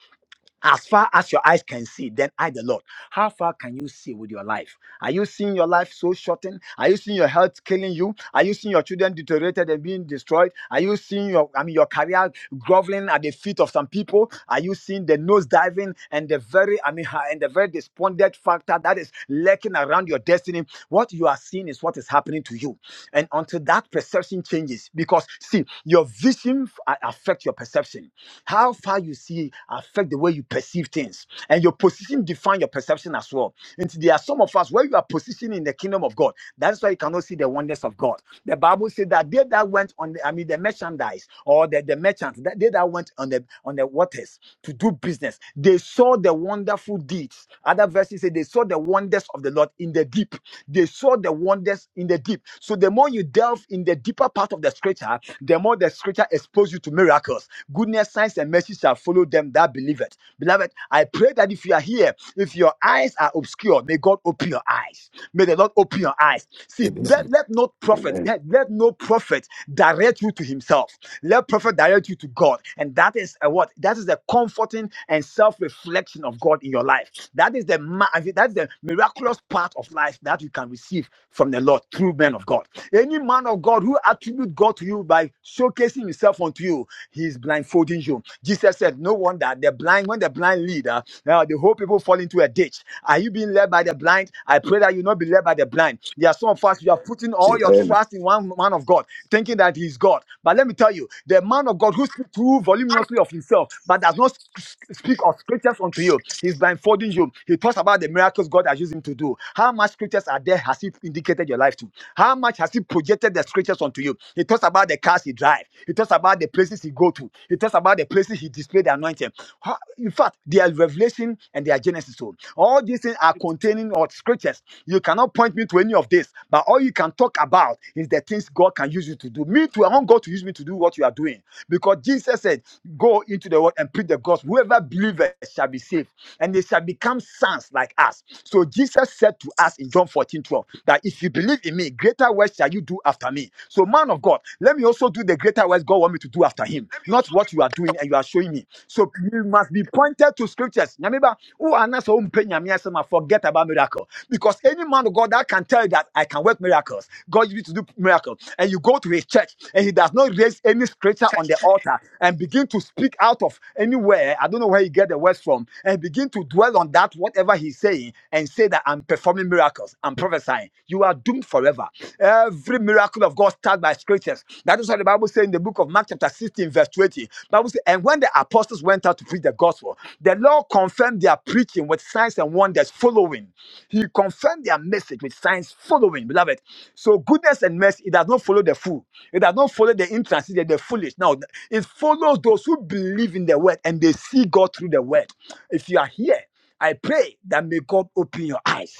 B: as far as your eyes can see, then I, the Lord. How far can you see with your life? Are you seeing your life so shortened? Are you seeing your health killing you? Are you seeing your children deteriorated and being destroyed? Are you seeing your, I mean, your career groveling at the feet of some people? Are you seeing the nose diving and the very, I mean, ha- and the very despondent factor that is lurking around your destiny? What you are seeing is what is happening to you, and until that perception changes, because see, your vision f- a- affects your perception. How far you see affect the way you perceive things, and your position define your perception as well. And there are some of us where you are positioned in the kingdom of God. That's why you cannot see the wonders of God. The Bible said that they that went on, the, I mean, the merchandise or the, the merchants, that they that went on the on the waters to do business, they saw the wonderful deeds. Other verses say they saw the wonders of the Lord in the deep. They saw the wonders in the deep. So the more you delve in the deeper part of the scripture, the more the scripture exposes you to miracles. Goodness, signs, and mercy shall follow them that believe it. Beloved, I pray that if you are here, if your eyes are obscured, may God open your eyes. May the Lord open your eyes. See, let, let not prophet,
C: Mm.
B: let, let no prophet direct you to himself. Let prophet direct you to God. And that is a what? That is the comforting and self-reflection of God in your life. That is the ma- I mean, that is the miraculous part of life that you can receive from the Lord through men of God. Any man of God who attribute God to you by showcasing himself unto you he is blindfolding you. Jesus said, No wonder the blind, when the blind lead, uh, uh, the whole people fall into a ditch. Are you being led by the blind? I pray that you not be led by the blind. There are some of us, you are putting all your
C: Amen.
B: trust in one man of God, thinking that he is God. But let me tell you, the man of God who speaks too voluminously of himself, but does not s- speak of scriptures unto you, he's blindfolding you. He talks about the miracles God has used him to do. How much scriptures are there has he indicated your life? to?" How much has he projected the scriptures unto you? He talks about the cars he drives. He talks about the places he go to. He talks about the places he displayed the anointing. How- In fact, their revelation and their genesis. So all these things are containing or scriptures. You cannot point me to any of this, but all you can talk about is the things God can use you to do. Me too, I want God to use me to do what you are doing. Because Jesus said, Go into the world and preach the gospel. Whoever believeth shall be saved, and they shall become sons like us. So Jesus said to us in John 14:12 that if you believe in me, greater works shall you do after me. So, man of God, let me also do the greater works God want me to do after him, not what you are doing and you are showing me. So, you must be pointed to scriptures. Nyame ba, wo a na sɛ wompɛ Nyame asɛm a, Forget about miracles. Because any man of God that can tell you that I can work miracles, God used me to do miracles, and you go to his church and he does not raise any scripture on the altar and begin to speak out of anywhere, I don't know where he get the words from, and begin to dwell on that, whatever he's saying, and say that I'm performing miracles, I'm prophesying, you are doomed forever. Every miracle of God starts by scriptures. That is what the Bible says in the book of Mark, chapter 16, verse 20, Bible says, and when the apostles went out to preach the gospel, the Lord confirmed their preaching with signs and wonders following. He confirmed their message with signs following, beloved. So goodness and mercy, it does not follow the fool. It does not follow the intransigent, the foolish. No, it follows those who believe in the word and they see God through the word. If you are here, I pray that may God open your eyes.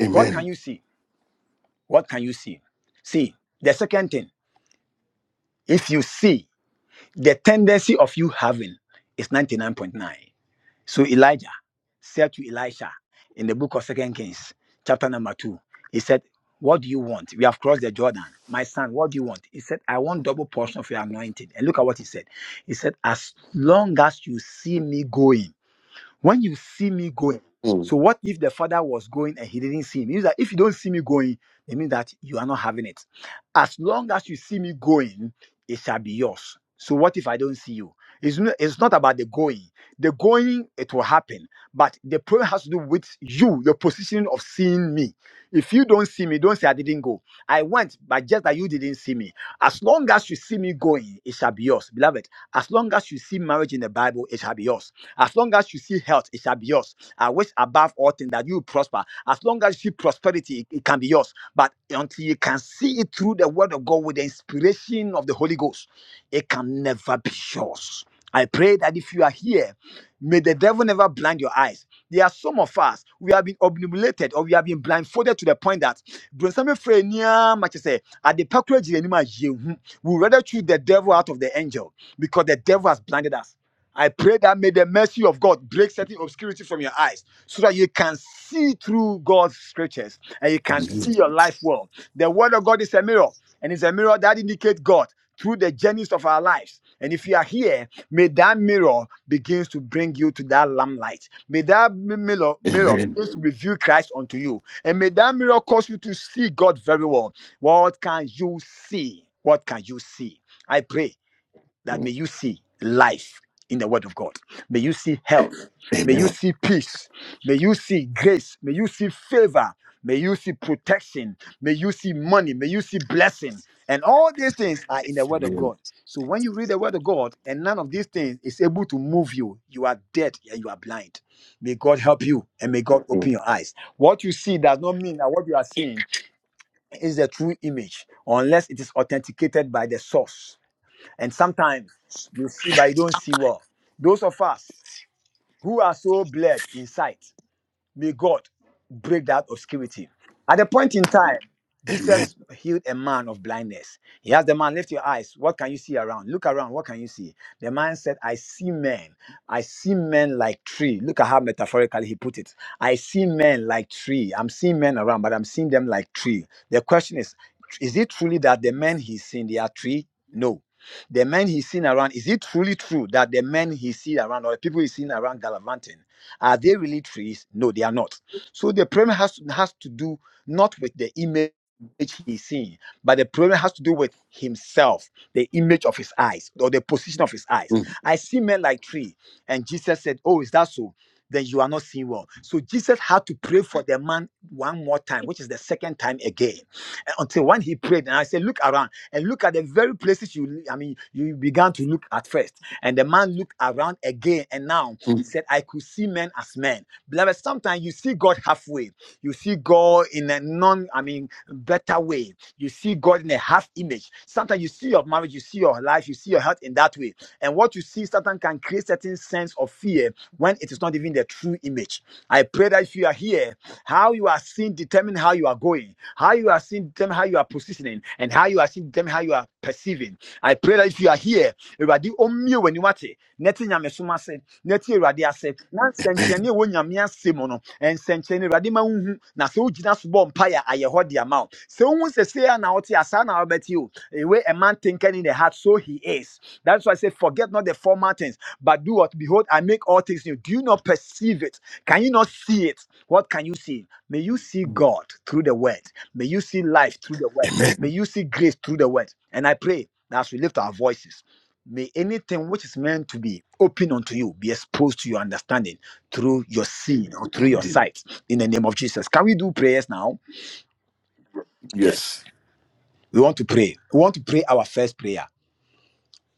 C: Amen.
B: What can
C: Amen.
B: you see? What can you see? See, the second thing, if you see the tendency of you having is 99.9. So Elijah said to Elisha in the book of Second Kings, chapter number two, he said, What do you want? We have crossed the Jordan. My son, what do you want? He said, I want double portion of your anointing. And look at what he said. He said, As long as you see me going. When you see me going,
C: Amen. Mm.
B: so what if the father was going and he didn't see him? It means that if you don't see me going, it means that you are not having it. As long as you see me going, it shall be yours. So what if I don't see you? It's not, it's not about the going. The going, it will happen. But the prayer has to do with you, your position of seeing me. If you don't see me, don't say I didn't go. I went, but just that you didn't see me. As long as you see me going, it shall be yours. Beloved, as long as you see marriage in the Bible, it shall be yours. As long as you see health, it shall be yours. I wish above all things that you prosper. As long as you see prosperity, it, it can be yours. But until you can see it through the word of God with the inspiration of the Holy Ghost, it can never be yours. I pray that if you are here, may the devil never blind your eyes. There are some of us, we have been obnubilated or we have been blindfolded to the point that Bronsame Frenia much say, at the package Jirema we rather choose the devil out of the angel because the devil has blinded us. I pray that may the mercy of God break certain obscurity from your eyes so that you can see through God's scriptures and you can see your life well. The word of God is a mirror, and it's a mirror that indicates God through the journeys of our lives. And if you are here, may that mirror begins to bring you to that lamplight. May that m- mirror,
C: Amen. Amen. Mm.
B: mirror
C: Amen.
B: begins to reveal Christ unto you. And may that mirror cause you to see God very well. What can you see? What can you see? I pray that may you see life in the word of God. May you see health. May you see peace. May you see grace. May you see favor. May you see protection. May you see money. May you see blessing. And all these things are in the word of God. So when you read the word of God and none of these things is able to move you, you are dead and you are blind. May God help you and may God open your eyes. What you see does not mean that what you are seeing is the true image unless it is authenticated by the source and sometimes you see, but you don't see well. Those of us who are so blurred in sight, May God break that obscurity. At the point in time,
C: Amen.
B: Jesus healed a man of blindness. He asked the man, Lift your eyes. What can you see around? Look around. What can you see? The man said, I see men. I see men like tree. Look at how metaphorically he put it. I see men like tree. I'm seeing men around, but I'm seeing them like tree. The question is, is it truly that the men he's seen, they are tree? No. The men he's seen around, is it truly true that the men he's seen around or the people he's seen around gallivanting? Are they really trees? No, they are not. So the problem has to, has to do not with the image he's seeing, but the problem has to do with himself, the image of his eyes or the position of his
C: Mm. Amen.
B: eyes.
C: Mm.
B: I see men like tree, and Jesus said, "Oh, is that so?" Then you are not seeing well. So Jesus had to pray for the man one more time, which is the second time again, And until when he prayed. And I said, look around and look at the very places you, I mean, you began to look at first. And the man looked around again, and now he said, I could see men as men. Beloved, sometimes you see God halfway. You see God in a non, I mean, better way. You see God in a half image. Sometimes you see your marriage, you see your life, you see your health in that way. And what you see sometimes can create certain sense of fear when it is not even the true image. I pray that if you are here, how you are seen determine how you are going, how you are seen determine how you are positioning, and how you are seen determine how you are perceiving. I pray that if you are here, Awurade, ɔmmue w'aniwa ate, na ɛte Nyame som ase. Neti tie awurade ase na
C: Mm.
B: nsɛnkyerɛnne a ɛwɔ nyame ase mu no nsɛnkyerɛnne awurade ma wohu na sɛ wogyina so bɔ mpaeɛ a ayɛ hɔ de ama wo sɛ wohu sɛ sei a na wote a na wobɛte o the way a man thinketh in the heart so he is that's why i say forget not the former things but do what behold i make all things new do you not perceive it can you not see it what can you see may you see god through the word may you see life through the word may
C: Amen.
B: you see grace through the word and i pray that as we lift our voices May anything which is meant to be open unto you be exposed to your understanding through your seeing or
C: Amen.
B: through your
C: Amen.
B: sight in the name of Jesus. Can we do prayers now? Yes.
C: Yes.
B: We want to pray. We want to pray our first prayer.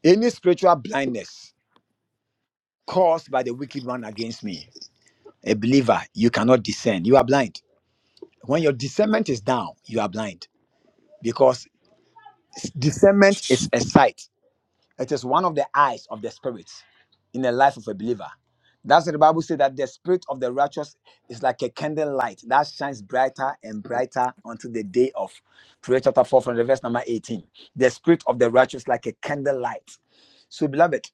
B: Any spiritual blindness caused by the wicked one against me, a believer, you cannot discern. You are blind. When your discernment is down, you are blind because discernment is a sight. It is one of the eyes of the spirit in the life of a believer. That's what the Bible says that the spirit of the righteous is like a candle light that shines brighter and brighter until the day of Proverbs chapter 4 from the verse number 18. The spirit of the righteous like a candle light. So beloved,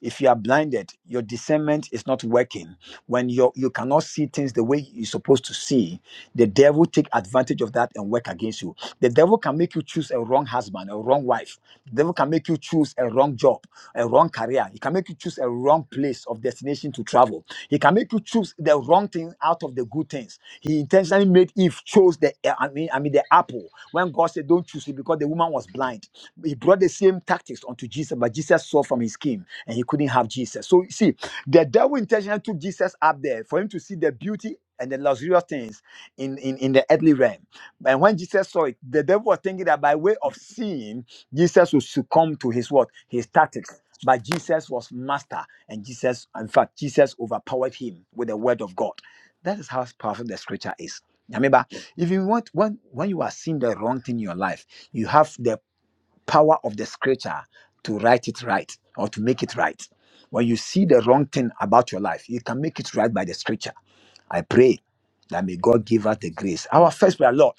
B: if you are blinded your discernment is not working when you you cannot see things the way you're supposed to see the devil take advantage of that and work against you the devil can make you choose a wrong husband a wrong wife the devil can make you choose a wrong job a wrong career he can make you choose a wrong place of destination to travel he can make you choose the wrong thing out of the good things he intentionally made eve chose the i mean i mean the apple when god said don't choose it because the woman was blind he brought the same tactics onto jesus but jesus saw from his skin and he couldn't have Jesus. So you see, the devil intentionally took Jesus up there for him to see the beauty and the luxurious things in, in, in the earthly realm. And when Jesus saw it, the devil was thinking that by way of seeing, Jesus would succumb to his what? His tactics. But Jesus was master, and Jesus, in fact, Jesus overpowered him with the word of God. That is how powerful the scripture is. Remember, if you want when when you are seeing the wrong thing in your life, you have the power of the scripture to write it right or to make it right. When you see the wrong thing about your life, you can make it right by the scripture. I pray that may God give us the grace. Our first prayer, Lord,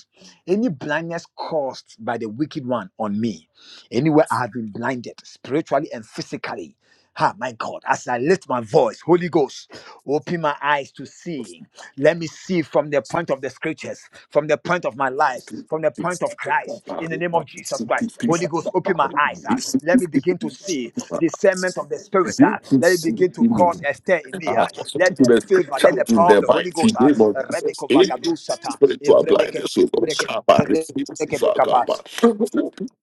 B: any blindness caused by the wicked one on me, anywhere I have been blinded spiritually and physically. Ah, my God, as I lift my voice, Holy Ghost, open my eyes to see. Let me see from the point of the scriptures, from the point of my life,
C: Begin
B: from the point of Christ, in the name of Jesus Christ. Holy Ghost, open my eyes. ah. Let me begin to see discernment of the Spirit. ah.
C: to
B: Let it
C: see
B: begin to
C: in
B: cause a stir in me.
C: ah,
B: ah.
C: to
B: Let the
C: the
B: favor,
C: scripture
B: let the
C: in
B: power of
C: the
B: the Holy
C: mighty
B: Ghost. ah,
C: name of Jesus.
B: Rebeko
C: Any
B: vagadu sata,
C: spiritual
B: evrebeke-
C: blindness, oh Lord,
B: breke- breke-
C: come by the
B: breke-
C: face
B: breke-
C: of our
B: breke-
C: God.
B: breke-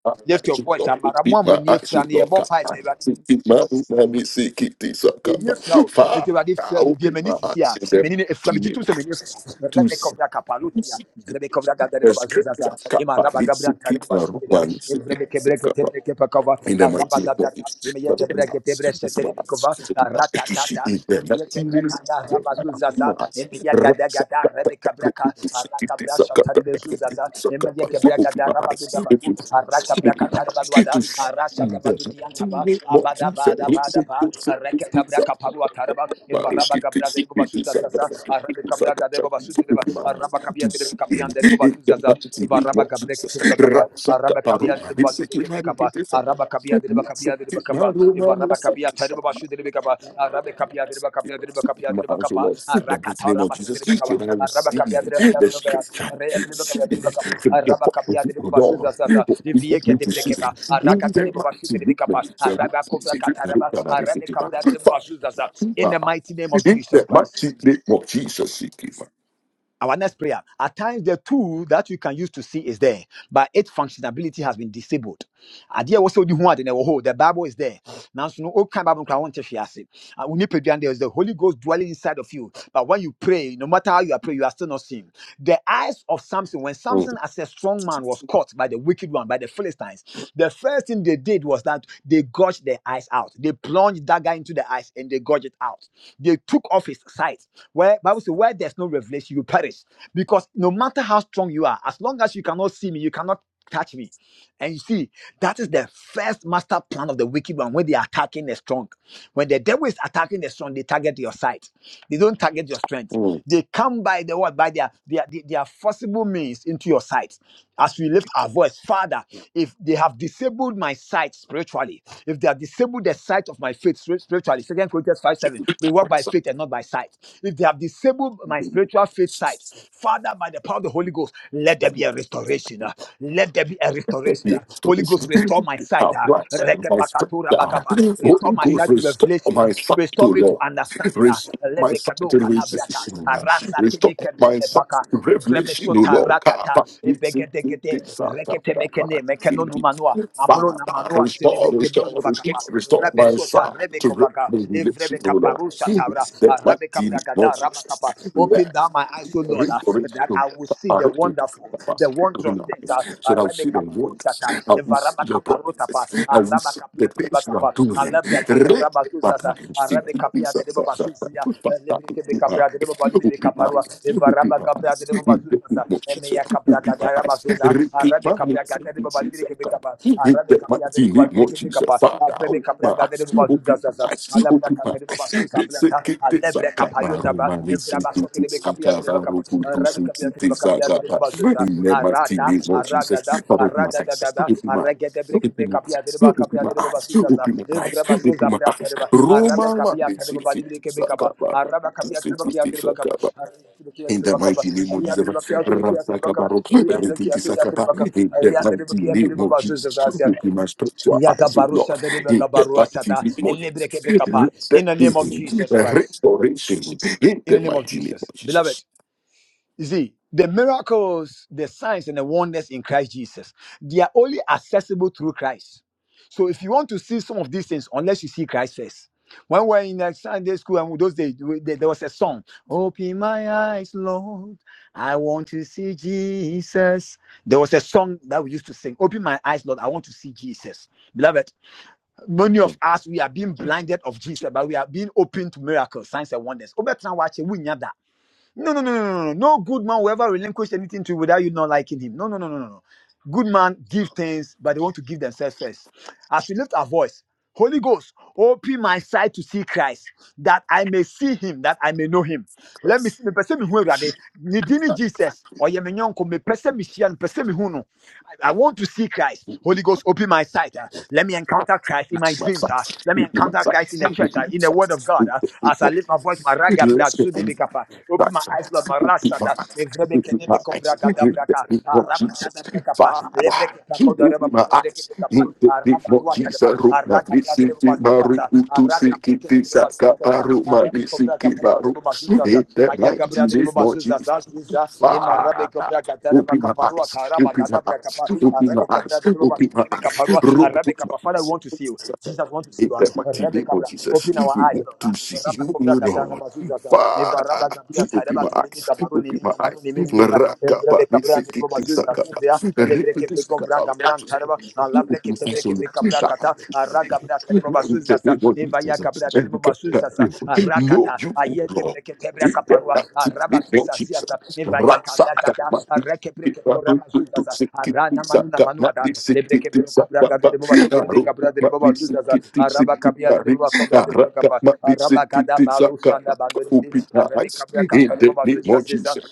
C: My
B: Lift your
C: eyes, oh
B: voice.
C: Lord,
B: ah.
C: keep
B: Maramua mo
C: my
B: nie
C: eyes, oh
B: fra ne,
C: Lord, come
B: yɛbɔ mpae
C: by the face of my eyes, let me see, keep this, oh
B: meni
C: God.
B: efra o
C: Father,
B: nti awurade fira mi bie
C: open
B: meni
C: my
B: sisi a
C: eyes in the
B: meni ne efra
C: mighty
B: mi
C: name
B: jitu
C: of
B: sɛ meni
C: Jesus.
B: efra
C: To
B: rɛbɛ
C: see.
B: kɔfra kapaluti a vrɛbɛ kɔfra gada de
C: In
B: baba so sasa ema raba gabra ntare baba so de a evrɛbɛ kebre ketebre
C: the
B: raba
C: mighty name
B: gabra
C: of
B: ta
C: Jesus,
B: ye
C: that the
B: kebre
C: mass
B: ketebre
C: of
B: sete
C: my
B: de
C: eyes, the people
B: rata
C: to see
B: tata
C: in the
B: ye
C: mighty name
B: kebre
C: of
B: kanda
C: Jesus,
B: raba so
C: my
B: sasa
C: eyes,
B: ye gada
C: Raksa,
B: gada rɛbɛ kabra
C: Rupi,
B: ka
C: Siki,
B: raka Rakabra
C: Tisaka,
B: Shatari Bezuzaza, Emilia
C: Tisaka, open
B: Gebragada
C: my
B: Rabadu
C: eyes, open my eyes,
B: Dabadu,
C: open
B: Arakabra
C: my eyes,
B: Katarabaduada,
C: to see
B: Arasha
C: in
B: Dabadu
C: the
B: Diantaba,
C: mighty
B: Abada Bada
C: name
B: Bada Ba,
C: of
B: Rekatabra
C: Jesus,
B: Kaparua Taraba,
C: Open my eyes
B: Evaraba
C: to
B: Gabra de
C: see it
B: Bobasuzaza, Arabe Cabra Gadeba Basudeba, Araba Cabia de Cabian de
C: in the
B: Bobasuzaza,
C: mighty name
B: Evaraba
C: of
B: Gabreke
C: Jesus.
B: Bakapa,
C: Rasaka
B: Araba Cabia
C: paroma,
B: de
C: nisiki mani kifisa.
B: Babu kapia diriba kapia
C: Nisiki
B: diriba kapa
C: maroma,
B: ivaraba kapia
C: nasaki
B: tariba bashu diriba kapa arabe kapia
C: saras.
B: diriba kapia diriba kapia
C: Open my
B: diriba
C: eyes, O
B: kapa
C: Lord, in the mighty
B: arakata
C: name of
B: raba shu
C: Jesus,
B: diriba kapa
C: so that I will
B: araba
C: see
B: kapia diriba kapia
C: the
B: diriba
C: scripture,
B: kapa reya diriba
C: see
B: kapia diriba
C: it
B: kapa
C: from the
B: araba
C: point
B: kapia
C: of view
B: diriba
C: of
B: bashu
C: God,
B: zasa sa
C: what you
B: ivie
C: want
B: ke
C: me to
B: diriba
C: see
B: kapa
C: it in
B: arakata
C: the
B: diriba bashu
C: mighty
B: diriba
C: name of
B: kapa
C: Jesus.
B: araba kovra
C: Nisiki
B: kataraba
C: maroma,
B: arabe
C: nisiki
B: kapia diriba
C: saras.
B: bashu zasa in
C: Nah,
B: the mighty name of
C: keep
B: Jesus
C: that my
B: Christ
C: cheap dick. Well, Jesus, she keep
B: our next prayer at times the tool that you can use to see is there but its functionality has been disabled adeɛ wɔ sɛ wodi ho ade na ɛwɔ hɔ the bible is there nanso no wokan bible no koraa wonte hwee ase Ah, wo nipadua no, there is the holy ghost dwelling inside of you but when you pray no matter how you are praying you are still not seeing the eyes of samson when
C: my.
B: samson as a strong man was caught by the wicked one by the philistines the first thing they did was that they gouged their eyes out they plunged dagger into the eyes and they gouged it out they took off his sight where Bible says, where there's no revelation, you perish. Because no matter how strong you are, as long as you cannot see me, you cannot touch me. And you see, that is the first master plan of the wicked one when they are attacking the strong. When the devil is attacking the strong, they target your sight. They don't target your strength.
C: Mm,
B: They come by the what by their their their, forcible means into your sight. As we lift our voice, Father, if they have disabled my sight spiritually, if they have disabled the sight of my faith spir- spiritually, Second Corinthians five seven, we walk by faith and not by sight. If they have disabled my
C: mm.
B: spiritual faith sight, Father, by the power of the Holy Ghost, let there be a restoration. uh, Let there be a
C: that
B: restoration.
C: be
B: uh. Holy
C: restoration.
B: Ghost, restore my sight.
C: Have rights
B: uh,
C: and my strength.
B: Restore
C: Holy
B: my
C: Ghost,
B: sight to
C: restore
B: revelation. uh,
C: my sight
B: Restore
C: to
B: me to
C: Lord.
B: understanding. uh,
C: Restore my sight
B: Lebekado
C: to
B: kadabraka.
C: realization.
B: Arasa
C: Restore
B: tebeke
C: my sight
B: brekepaka.
C: to
B: Ivrebe
C: revelation, O
B: sota
C: Lord.
B: ratata.
C: Kaba, isi, kiti,
B: Ibegedegede.
C: sa, ta,
B: Rekete
C: ta,
B: mekene. Mekeno numanua. Amro
C: Father,
B: namanua.
C: restore,
B: Sidibrike
C: restore,
B: bego vagapa.
C: restore, restore
B: Rebe
C: my
B: sota.
C: sight
B: Rebe
C: to
B: kovaga.
C: revelation,
B: Ivrebe
C: O Lord.
B: kaparusha tabra.
C: That my
B: Arabe
C: deed is not
B: kabragada.
C: success.
B: Rabakapa. Open
C: Let
B: down my eyes, O Lord, uh, that
C: restoration.
B: I will see the wonder wonderful, the wondrous
C: Baruch,
B: things. uh,
C: so that we
B: Arabe
C: see the wonders,
B: kaparoshata,
C: that we see
B: evaraba
C: your promises, that we
B: araba
C: see the
B: kapia dereba
C: things you are
B: kapa,
C: doing.
B: alabria
C: Re-
B: katura
C: Open
B: bazuzasa,
C: my
B: arabe kapia dereba
C: eyes,
B: basusia, lebre kebe kapia dereba balibi
C: open
B: evaraba
C: my
B: kapia
C: eyes, in
B: dereba
C: the
B: bazuzasa,
C: name of Jesus,
B: emeya kapia
C: open my
B: gadara
C: eyes,
B: bazuza,
C: repeat
B: arabe
C: my name,
B: kapia gadara dereba
C: Jesus,
B: balibi
C: in
B: arabe
C: the
B: kapia
C: mighty
B: dereba
C: name
B: balibi
C: of
B: kebe
C: Jesus, Father,
B: arabe
C: open my
B: kapia gadara dereba
C: eyes,
B: bazuzasa,
C: eyes,
B: alabria
C: open my
B: kapia dereba
C: eyes. This is get this I
B: Alebre
C: got my
B: kapayota
C: room,
B: ba
C: I need to
B: evraba
C: get
B: sote de
C: this I
B: kapia
C: got
B: de
C: my
B: kapa
C: room, who do
B: arabe
C: some
B: kapia
C: get
B: de
C: this I
B: kapia de
C: got my
B: bazuza
C: in the mighty
B: arada
C: name of Jesus.
B: arada da
C: But open my
B: arada da da
C: eyes,
B: da
C: open my
B: arage
C: eyes.
B: de
C: Open
B: brek de
C: my
B: kapia
C: eyes,
B: de ba
C: open my
B: de
C: eyes,
B: basuza
C: open my eyes,
B: evraba
C: open
B: zuza
C: my
B: prata
C: eyes.
B: arabe
C: Roma, let
B: kapia
C: me
B: de
C: see,
B: ba
C: get
B: libre ke
C: this I got my room, Who
B: araba
C: do
B: kapia
C: some
B: de ba
C: get
B: de
C: this
B: ba kapa
C: in
B: de
C: the
B: ba kapa
C: mighty name of Jesus,
B: de ba de kia de ba kapa
C: Rasakabaro,
B: de kia de kia de
C: Rekitisakaba, in the
B: de ba
C: mighty
B: de
C: name
B: ba
C: of
B: basuza
C: Jesus, open my spiritual
B: ya
C: eyes, O
B: gabarusha
C: Lord,
B: de ba
C: in the mighty
B: ta
C: name of
B: elebre ke
C: Jesus, let
B: in
C: there
B: the name of
C: be
B: Jesus Christ
C: restoration, in
B: in
C: the
B: the name of
C: mighty name
B: Jesus.
C: of Jesus.
B: Beloved, you see, the miracles, the signs, and the wonders in Christ Jesus, they are only accessible through Christ. So if you want to see some of these things, unless you see Christ first. When we were in uh, Sunday school and those days, we- there there was a song, Open my eyes, Lord, I want to see Jesus. There was a song that we used to sing, Open my eyes, Lord, I want to see Jesus. Beloved, many
C: Oh,
B: of us, we are being blinded of Jesus, but we are being open to miracles, signs, and wonders. Obetra wache, we nyada. No, no, no, no, no, no. No No good man will ever relinquish anything to you without you not liking him. No, no, no, no, no, no. Good man give things, but they want to give themselves first. As we lift our voice, Holy Ghost, open my sight to see Christ, that I may see him, that I may know him. Let me
C: Christ.
B: see, me person me who Jesus, or ye me nyonko, me person me shia, me person me who no. I want to see Christ. Holy Ghost, open my sight. uh, Let me encounter
C: That's
B: Christ in my
C: My
B: dreams. uh, Let me
C: sons, my
B: encounter Christ in the church, uh, in the Word of
C: sons,
B: God. uh, As I lift my voice, my raga bra
C: my sons,
B: sudebekapa. Open
C: Open
B: my
C: my
B: eyes,
C: eyes.
B: Lord, my rasada.
C: Open my eyes. In the
B: Evrebekenebekovragadabraka.
C: name
B: ah,
C: of Jesus.
B: rabasadabrikapa,
C: Father, open
B: lebrekepakodarababa,
C: my eyes.
B: lebrekepekapa,
C: In the
B: ah,
C: name of Jesus.
B: rabaduatadaba, ah,
C: Runa nisiki
B: ragabradebaba,
C: maru
B: susasa, ah,
C: utu siki
B: rakabreke-
C: tisa kaparu manisiki maru. In the mighty name of Jesus. Father, open my eyes. Open my eyes. Open my eyes. Open my eyes. Open my
B: Father, we
C: eyes.
B: want to see you. Jesus wants to see
C: In
B: you.
C: the mighty
B: Arabe
C: name of Jesus,
B: open our
C: we
B: eyes,
C: want
B: Lord.
C: to see
B: Rabba
C: you,
B: Kovra
C: Lord.
B: Gadarama
C: Father, Open my eyes. Open my eyes. Rakapa. Risikiti sakapa. Rikiti sakapa. Open my eyes, O
B: Sebreke
C: Lord.
B: Bekabra Kata, Araga Braka de
C: In the
B: Babasuzasa,
C: name of
B: Evaya Cabra
C: Jesus.
B: de
C: And God, that
B: Babasuzasa,
C: you Know
B: Arakata,
C: you, O
B: Ayeke
C: Lord.
B: Breke Tebra
C: In
B: Caparua,
C: the name of
B: Arabasusa
C: Jesus.
B: Siasa, Evaya Cabra Kata, Areke Breke Toramazuzasa, Arana Manuna Manuada, Lebreke Broko Braga de Babasu de Cabra de Babasuzasa, Araba Cabia de
C: Rasakapa.
B: Babacobra de
C: Karaka
B: Babacapa, Araba Cada
C: Madisikiti
B: Baru
C: Saka
B: Shanda Bandoni,
C: Upita
B: Arabe Cabra Cata
C: in
B: de
C: the name of
B: Babasusa,
C: Jesus.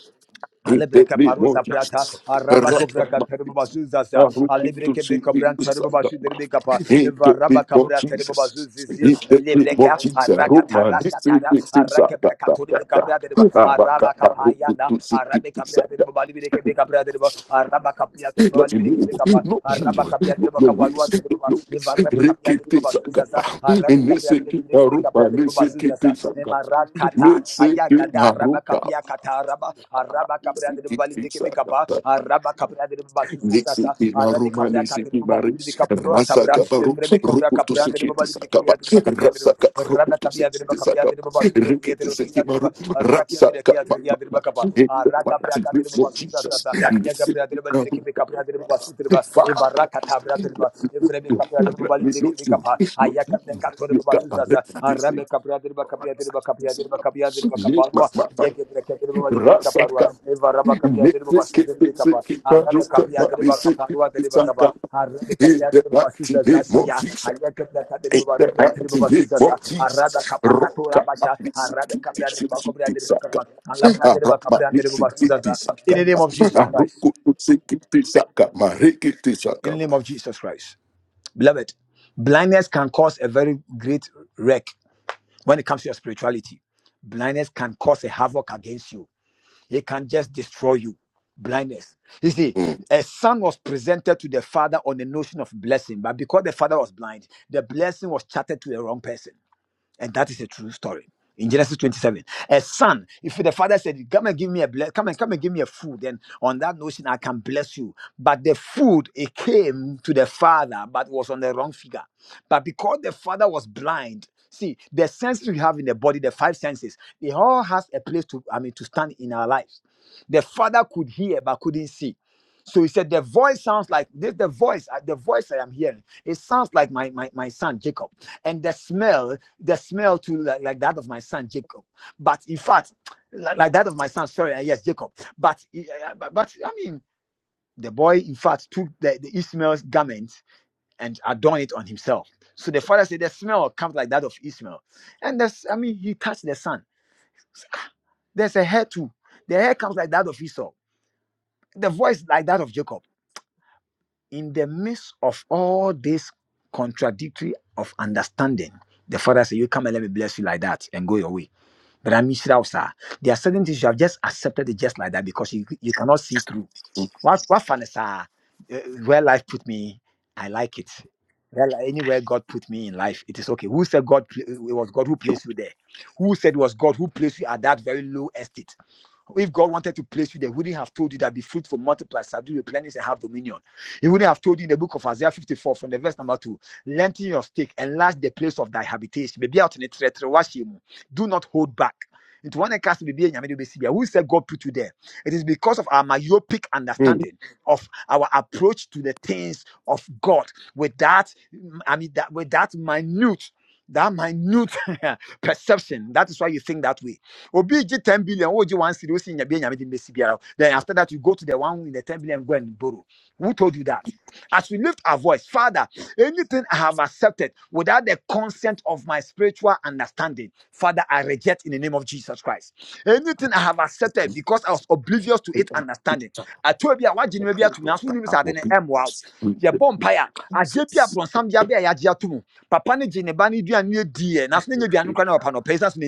C: In the
B: Alebreke
C: name of
B: paruta prata
C: Jesus.
B: araba
C: Karaka
B: kovraka terbo
C: Madisiki
B: bazuzasa
C: Arukutu
B: alebreke be
C: Siki
B: kabran terbo
C: Saka
B: başı derbe kapa
C: In the
B: varaba
C: name of
B: kabra terbo
C: Jesus. In
B: bazuzizi
C: the name
B: lebreke
C: of Jesus.
B: araka
C: Roma
B: tarasha tara
C: Nisiki
B: araka
C: Saka
B: breka tori be kabra derbo
C: Abaka
B: araba kapayana
C: Arukutu Siki
B: arabe kabra terbo bali breke be kabra derbo araba kapya terbo
C: not
B: bali
C: you,
B: breke be kapa
C: not
B: araba
C: you,
B: kapya
C: not
B: terbo
C: your
B: kapa ruwa
C: ways, not
B: terbo ba
C: your ways.
B: varaba kapya terbo
C: Rekete
B: bazuzasa
C: sakapa,
B: arabe kapya terbo
C: neseke
B: breke be
C: marupa,
B: kabra derbo
C: neseke
B: bazuzasa
C: sakapa,
B: emarakata
C: neseke
B: ayagata araba
C: maruka,
B: kapya kata araba araba kabra de bali
C: neseke
B: bir kebe kapa
C: sakapa,
B: araba kabra de basu sasa
C: neseke
B: arabe
C: maruma,
B: kabra kate de
C: neseke
B: bali bir
C: maris,
B: kapro
C: Rasa
B: tabra
C: kabaru,
B: evreme kovra
C: rukutu
B: kapra de
C: sekete
B: bali bir kebe
C: sakapa,
B: yadır bakam yadır
C: rasaka
B: rana
C: rukutu
B: kabi yadır
C: sekete
B: bakam yadır
C: sakapa,
B: basu yadır
C: rekete
B: bakam
C: seke
B: yadır
C: maru,
B: araki yadır
C: rasaka
B: ki yadır yadır
C: mama,
B: bakapa
C: in the
B: araka kabra
C: mighty
B: kate
C: name
B: de
C: of
B: basu
C: Jesus,
B: sasa ya kabra
C: neseke
B: de bali bir
C: maru,
B: kebe kabra de basu tirba evara katabra tirba evreme kabra de bali bir kebe kapa ayaka kabra kate de katone basu sasa arabe kabra de bakam yadır bakam yadır bakam yadır bakam si si si si si in the name of
C: Saka,
B: Jesus Christ
C: Mariki,
B: in the name of Jesus Christ beloved blindness can cause a very great wreck when it comes to your spirituality blindness can cause a havoc against you It can just destroy you. Blindness. You see, a son was presented to the father on the notion of blessing, but because the father was blind, the blessing was chatted to the wrong person. And that is a true story. In Genesis 27, a son, if the father said, Come and give me a ble- come and come and give me a food, then on that notion I can bless you. But the food it came to the father, but was on the wrong figure. But because the father was blind, see the senses we have in the body, the five senses, they all has a place to, I mean, to stand in our lives. The father could hear but couldn't see. So he said, The voice sounds like this, the voice, uh, the voice I am hearing, it sounds like my my, my son Jacob and the smell, the smell to like, like that of my son Jacob. But in fact, like, like that of my son, sorry, uh, yes, Jacob. But, uh, but but I mean, the boy in fact took the, the Ishmael's garment and adorned it on himself. So the father said the smell comes like that of Ishmael, and that's I mean he touched the son. There's a hair too. The hair comes like that of Esau. The voice like that of Jacob. In the midst of all this contradictory of understanding, the father said, "You come and let me bless you like that, and go your way." But I miss out, sir, there are certain things you have just accepted it just like that because you, you cannot see through.
C: Saka,
B: What what fun is uh, uh, where life put me? I like it. Well, anywhere God put me in life, it is okay. Who said God pl- it was God who placed you there? Who said it was God who placed you at that very low estate? If God wanted to place you there, he wouldn't have told you that be fruitful, multiply, subdue, replenish, and have dominion. He wouldn't have told you in the book of Isaiah 54 from the verse number 2, lengthen your stake, enlarge the place of thy habitation. Maybe out in the treachery, wash him. Do not hold back. Into one cast to be Who said God put you there? It is because of our myopic understanding of our approach to the things of God with that, mm, I mean, that with that minute, that minute perception. That is why you think that way obi gye 10 billion wo gye 1 cedi wo si nyabe nyame then after that you go to the one in the 10 billion go and borrow who told you that as we lift our voice father anything i have accepted without the consent of my spiritual understanding father i reject in the name of jesus christ anything i have accepted because i was oblivious to
C: Thank
B: its understanding i told you what genuine be able to me as we live in the m wow your i did be a bronsam ya be a papa ne gye ne ba ne duane no diiɛ nanso ne nya aduane koraa no so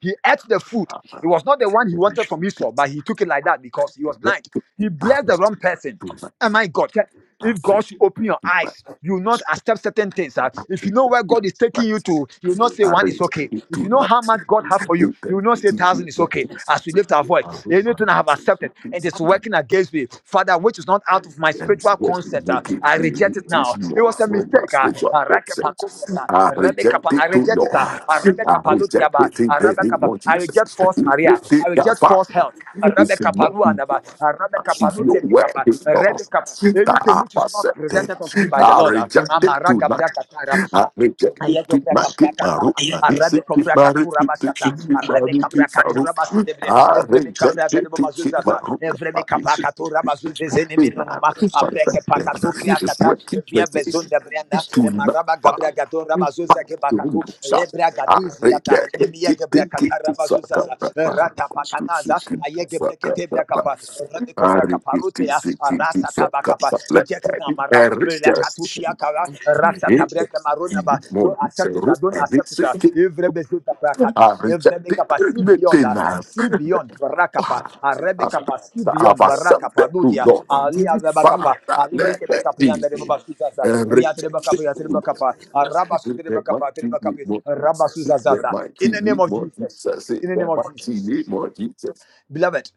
B: he ate the food. It was not the one he wanted from Esau, but he took it like that because he was blind. He blessed the wrong person. Oh my God. If God should open your eyes, you will not accept certain things. ah. If you know where God is taking you to, you will not say one is okay. If you know how much God has for you, you will not say thousand is okay. As we lift our voice, anything I have accepted and it's
C: you.
B: working against me, Father, which is not not out of my
C: and
B: spiritual
C: what
B: concept. uh, I
C: motivates me
B: reject it
C: which is
B: now. It
C: not
B: was a
C: from my
B: mistake. uh,
C: spiritual
B: uh,
C: concepts.
B: Rakepakotos, uh,
C: I reject
B: Rebekapa, I
C: it to
B: reject it. uh,
C: Lord.
B: uh,
C: I reject
B: Rebekapalutiaba,
C: it in
B: uh,
C: the name
B: Rebekapa.
C: of
B: I
C: Jesus.
B: reject false career.
C: Everything
B: I
C: that
B: reject
C: far
B: false health.
C: is
B: Rebecca
C: not
B: Paruanaba,
C: important.
B: Rebecca
C: She's no
B: Palute
C: word
B: Mikapa,
C: is lost
B: Rebecca,
C: that
B: anything which
C: I've
B: is not
C: accepted.
B: presented unto me by the
C: I
B: Lord,
C: reject it
B: Amaraga
C: tonight
B: Bracatara,
C: it's
B: Ayege braka braka dara. Arabe kovra katura bashata. Arabe kabra katura basu debre. Evrebe kabra debo boma zuzaza. Evrebe kabra katura basu zezene minonama. Abreke pakatu kriakata.
C: working
B: Via bezon
C: against me
B: debrianda.
C: to not
B: Emaraba
C: fight.
B: gabra gadora basu
C: Fight
B: zege
C: the
B: bakatu.
C: windows up.
B: Lebra
C: I
B: gadizi yata.
C: reject it. It-
B: Emiege braka
C: it- it-
B: tara
C: it-
B: basu
C: suck up that power.
B: Rata pakanaza. Ayege
C: Suck
B: breke
C: up
B: tebra
C: that power.
B: kapa. Arabe
C: I
B: kovra
C: reject
B: kaparute
C: it. It- it- it-
B: ya
C: suck up
B: reject it now,
C: that power.
B: Mara,
C: I reject
B: Relakatukia
C: it.
B: Kara, Rasa
C: It
B: Tabreka
C: is
B: Marunaba,
C: more
B: don't accept it,
C: so
B: uh, don't
C: I get
B: accept it.
C: sick.
B: uh, Every Bezuta Prakata,
C: I
B: every
C: reject it.
B: Bekapa, see beyond, uh,
C: Everything I
B: see beyond Barakapa,
C: have.
B: a
C: I speak
B: Rebekapa, see
C: to have
B: beyond
C: accepted,
B: Barakapa,
C: O
B: Nudia,
C: Lord.
B: Alia
C: Father,
B: Rebakapa,
C: let
B: Alibreke
C: that be
B: Bekapianda
C: me.
B: Rebaba Suzaza,
C: And reject
B: Yatrebakapa,
C: it, O Lord.
B: Yatrebakapa, Rabasu
C: That my
B: Rebakapa,
C: keep me
B: Rebakapi,
C: more Jesus. That
B: Rabasuzazaza,
C: my
B: in
C: keep
B: the name
C: me
B: of
C: more
B: Jesus,
C: Jesus.
B: in the name
C: That
B: of
C: my keep
B: Jesus.
C: me more Jesus.
B: Beloved,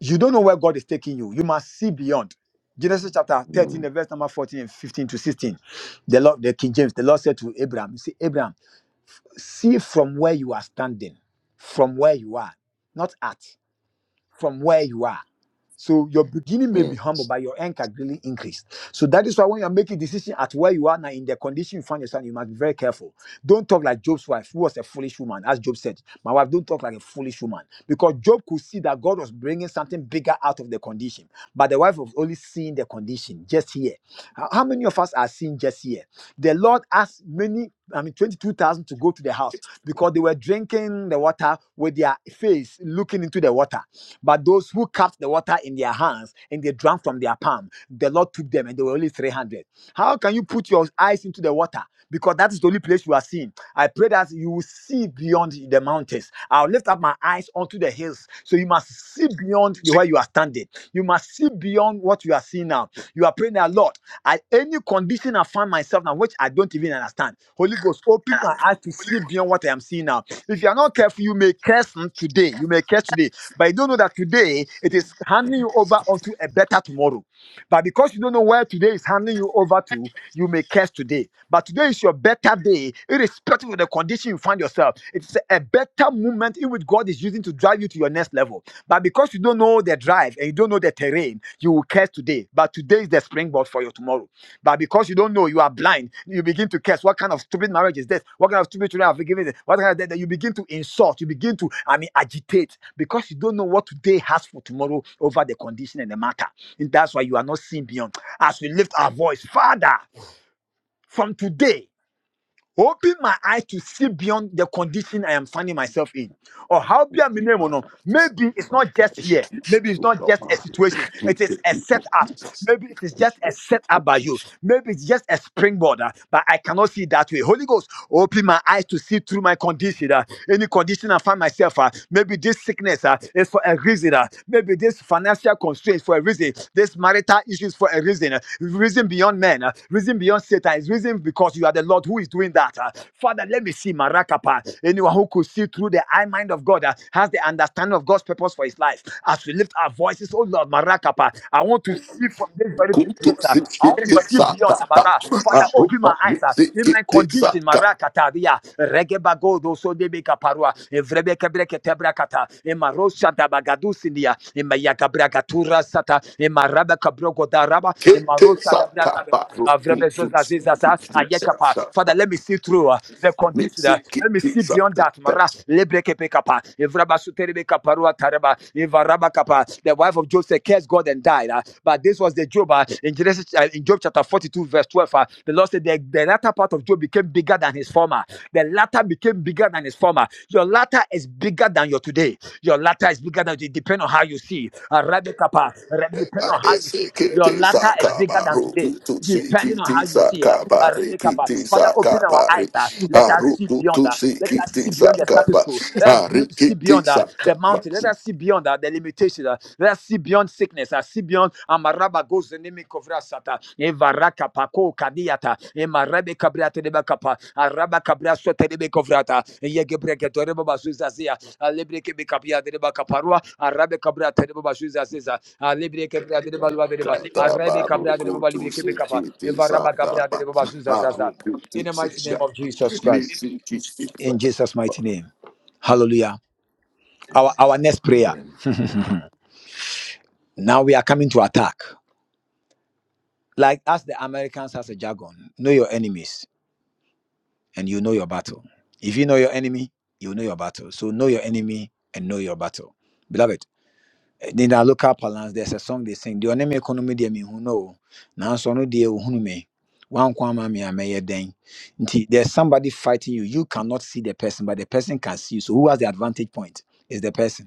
B: you don't know where God is taking you. You must see beyond. Genesis chapter 13, the
C: Mm-hmm.
B: verse number 14 and 15 to 16. The Lord, the King James, the Lord said to Abraham, "See, Abraham, see from where you are standing, from where you are, not at from where you are. So your beginning may be humble, but your end can really increase. So that is why when you're making decision at where you are now in the condition you find yourself, you must be very careful. Don't talk like Job's wife, who was a foolish woman, as Job said. My wife, don't talk like a foolish woman. Because Job could see that God was bringing something bigger out of the condition. But the wife was only seeing the condition just here. How how many of us are seeing just here? The Lord asked many, I mean, 22,000 to go to the house because they were drinking the water with their face looking into the water. But those who cupped the water in their hands and they drank from their palm, the Lord took them and they were only 300. How can you put your eyes into the water? Because that is the only place you are seeing. I pray that you will see beyond the mountains. I'll lift up my eyes onto the hills. So you must see beyond the where you are standing. You must see beyond what you are seeing now. You are praying that Lord, at any condition I find myself now, which I don't even understand. Holy Ghost, open my eyes to see beyond what I am seeing now. If you are not careful, you may curse today. You may curse today. But you don't know that today it is handing you over onto a better tomorrow. But because you don't know where today is handing you over to, you may curse today. But today is your better day, irrespective of the condition you find yourself. It's a better moment in which God is using to drive you to your next level. But because you don't know the drive and you don't know the terrain, you will curse today. But today is the springboard for your tomorrow. But because you don't know, you are blind. You begin to curse. What kind of stupid marriage is this? What kind of stupid children have you given? This? What kind of that that you begin to insult? You begin to, I mean, agitate because you don't know what today has for tomorrow over the condition and the matter. And that's why you are not seeing beyond. As we lift our voice, Father, from today. Open my eyes to see beyond the condition I am finding myself in. Or how be a
C: Be
B: minimum or
C: my,
B: no.
C: this is
B: Maybe it's
C: my
B: not
C: kind
B: just
C: of
B: here.
C: situation,
B: Maybe it's
C: O
B: not just a
C: Lord.
B: situation.
C: Keep
B: It is
C: that
B: a
C: people,
B: setup.
C: Jesus.
B: Maybe it is
C: Keep
B: just a
C: that people,
B: setup by you.
C: Jesus.
B: Maybe it's just a springboard, uh, but I cannot see that way. Holy Ghost, open my eyes to see through my condition. uh, any condition I find myself, uh, maybe this sickness uh, is for a reason. uh, maybe this financial constraint is for a reason. This marital issue is for a reason. uh, reason beyond men, uh, reason beyond Satan. It's reason because you are the Lord who is doing that. uh. Father, let me see Marakapa. Anyone who could see through the eye mind of God uh, has the understanding of God's purpose for his life his life. As we lift our voices, oh Lord, Marakapa, I want to see from this very place.
C: Kutu
B: ah. I want to
C: sikiti
B: see
C: saka
B: beyond
C: ba
B: Amara. Father,
C: aru
B: open my eyes. ah. In my
C: sikiti
B: condition,
C: saka
B: Marakataria, regebago so de Parua, Evrebekebrekatabrakata, Emarosha Dabagadusinia, Emayakabrakatura Sata, Emarabakabrogodaraba,
C: kete
B: Emarosha
C: saka
B: Dabranta,
C: ba ru kutu
B: Avrebezozazizaza,
C: sikiti
B: Ayekapa.
C: saka ba
B: Father, let me see through. uh, the condition. uh, Let me
C: sikiti
B: see beyond
C: saka
B: that.
C: ba
B: Mara lebrekepekapa, evrabasoterebekaparua tareba, Evaraba Kapa, The wife of Joseph cursed God and died. uh, But this was the Job uh, in Genesis uh, in Job chapter 42, verse 12. uh, The Lord said the, the latter part of Job became bigger than his former. The latter became bigger than its former. Your latter is bigger than your today. Your latter is bigger than it depends on how you see. Uh, Rabbi Kappa, Rabbi, depend on
C: ade
B: how you see. Your
C: sikiti
B: latter is
C: saka
B: bigger than today,
C: kutu
B: depending on
C: sikiti
B: how you see.
C: saka
B: Uh,
C: ba
B: uh,
C: re
B: Rabbi Kappa,
C: kiti
B: Father,
C: saka
B: open
C: ba
B: our eyes. Uh, let us see beyond. Uh, let us
C: sikiti
B: see beyond the
C: saka
B: status
C: ba
B: quo. Let us be-
C: are
B: see beyond uh, the mountain. Let us see beyond uh, the limitation. Uh, let I see beyond sickness. I see beyond Amaraba goes the name Kovrasata, Evaraka Pako Kadiata, Emarabe Cabriata de Bacapa, Araba Cabra Sota de Becovrata, Yegebreke Toreba Zuzazia, Alebreke Bicapia de Bacaparua, Arabe Cabra Tereba Zuzaziza, Alebreke de Balua de Deba, Arabe Cabra de Balibreke Bicapa, Evaraba Cabra de Bazuzazaza. In the mighty name of Jesus Christ, in Jesus' mighty name. Hallelujah. Our, our next prayer.
C: Amen.
B: Now we are coming to attack. Like as the Americans has a jargon, know your enemies and you know your battle. If you know your enemy, you know your battle. So know your enemy and know your battle. Beloved, eh, in our local parlance, there's a song they sing, the enemy economy deɛ who know, Now so no dear who me. One kwama me may den. Nti, There's somebody fighting you. You cannot see the person, but the person can see you. So who has the advantage point? Is the person.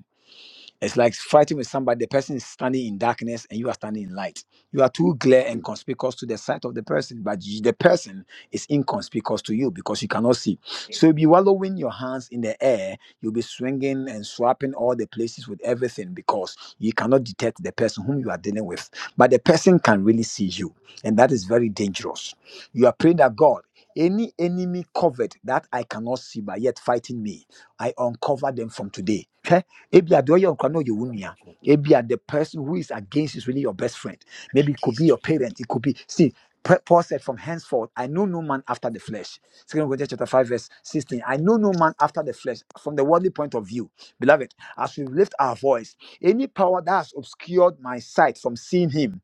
B: It's like fighting with somebody. The person is standing in darkness and you are standing in light. You are too glare and conspicuous to the sight of the person, but you- the person is inconspicuous to you because you cannot see. So you'll be wallowing your hands in the air. You'll be swinging and swapping all the places with everything because you cannot detect the person whom you are dealing with. But the person can really see you, and that is very dangerous. You are praying that God, any enemy covered that I cannot see but yet fighting me. I uncover them from today. Hwɛ, Ebia the oil no you wunya. Ebia the person who is against is really your best friend. Maybe it could be your parent. It could be see. Paul said, "From henceforth, I know no man after the flesh." Second Corinthians chapter five, verse sixteen. I know no man after the flesh. From the worldly point of view, beloved, as we lift our voice, any power that has obscured my sight from seeing Him,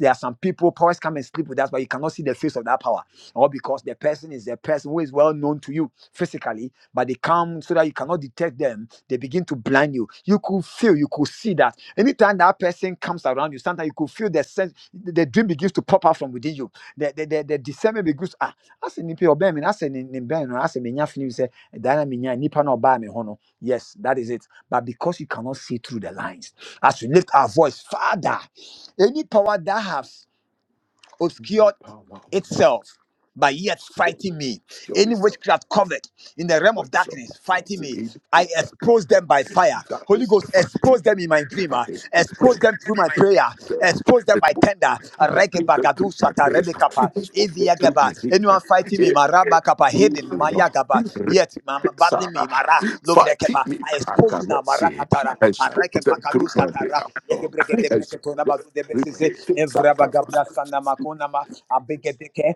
B: there are some people powers come and sleep with us, but you cannot see the face of that power or because the person is a person who is well known to you physically, but they come so that you cannot detect them, they begin to blind you. You could feel, you could see that. Anytime that person comes around you, sometimes you could feel the sense, the, the dream begins to pop out from within you. The, the, the, the discernment begins, ah, as in nipa obey me, as in ben, as in minya fini we say, dana minya nipa no obey me hono. Yes, that is it. But because you cannot see through the lines, as we lift our voice, Father, any power that has
C: Amen.
B: obscured
C: Power, oh Lord.
B: itself but yet
C: Skill.
B: fighting me.
C: Skill
B: Any
C: is up.
B: witchcraft covered in the realm of
C: Is
B: darkness fighting
C: Fighting
B: me,
C: in
B: I
C: the
B: expose
C: cover.
B: them by fire.
C: That
B: Holy
C: is
B: Ghost, expose
C: fighting.
B: them in my dream,
C: I
B: ah.
C: has put
B: expose
C: them.
B: them through my prayer,
C: them.
B: expose them
C: Has
B: by
C: put
B: tender.
C: has put them
B: Regebagadu
C: through my
B: shata
C: face.
B: rebekapa,
C: Has put them through
B: eviyagaba.
C: his hands.
B: Anyone fighting me,
C: Yes.
B: marabakapa,
C: Through,
B: hidden,
C: oh
B: mayagaba,
C: Lord.
B: yet mama battling
C: Sarah,
B: me, mara,
C: fighting
B: lobrekepa.
C: me,
B: I
C: I
B: expose you now,
C: cannot see.
B: marakatara,
C: Expose them
B: arekepakadu
C: through my prayer,
B: satara,
C: Lord. Expose
B: yegebregedebreketona
C: them.
B: magudebezize,
C: Repeat it, Sarah.
B: evrabagabra sanamakona abegedeke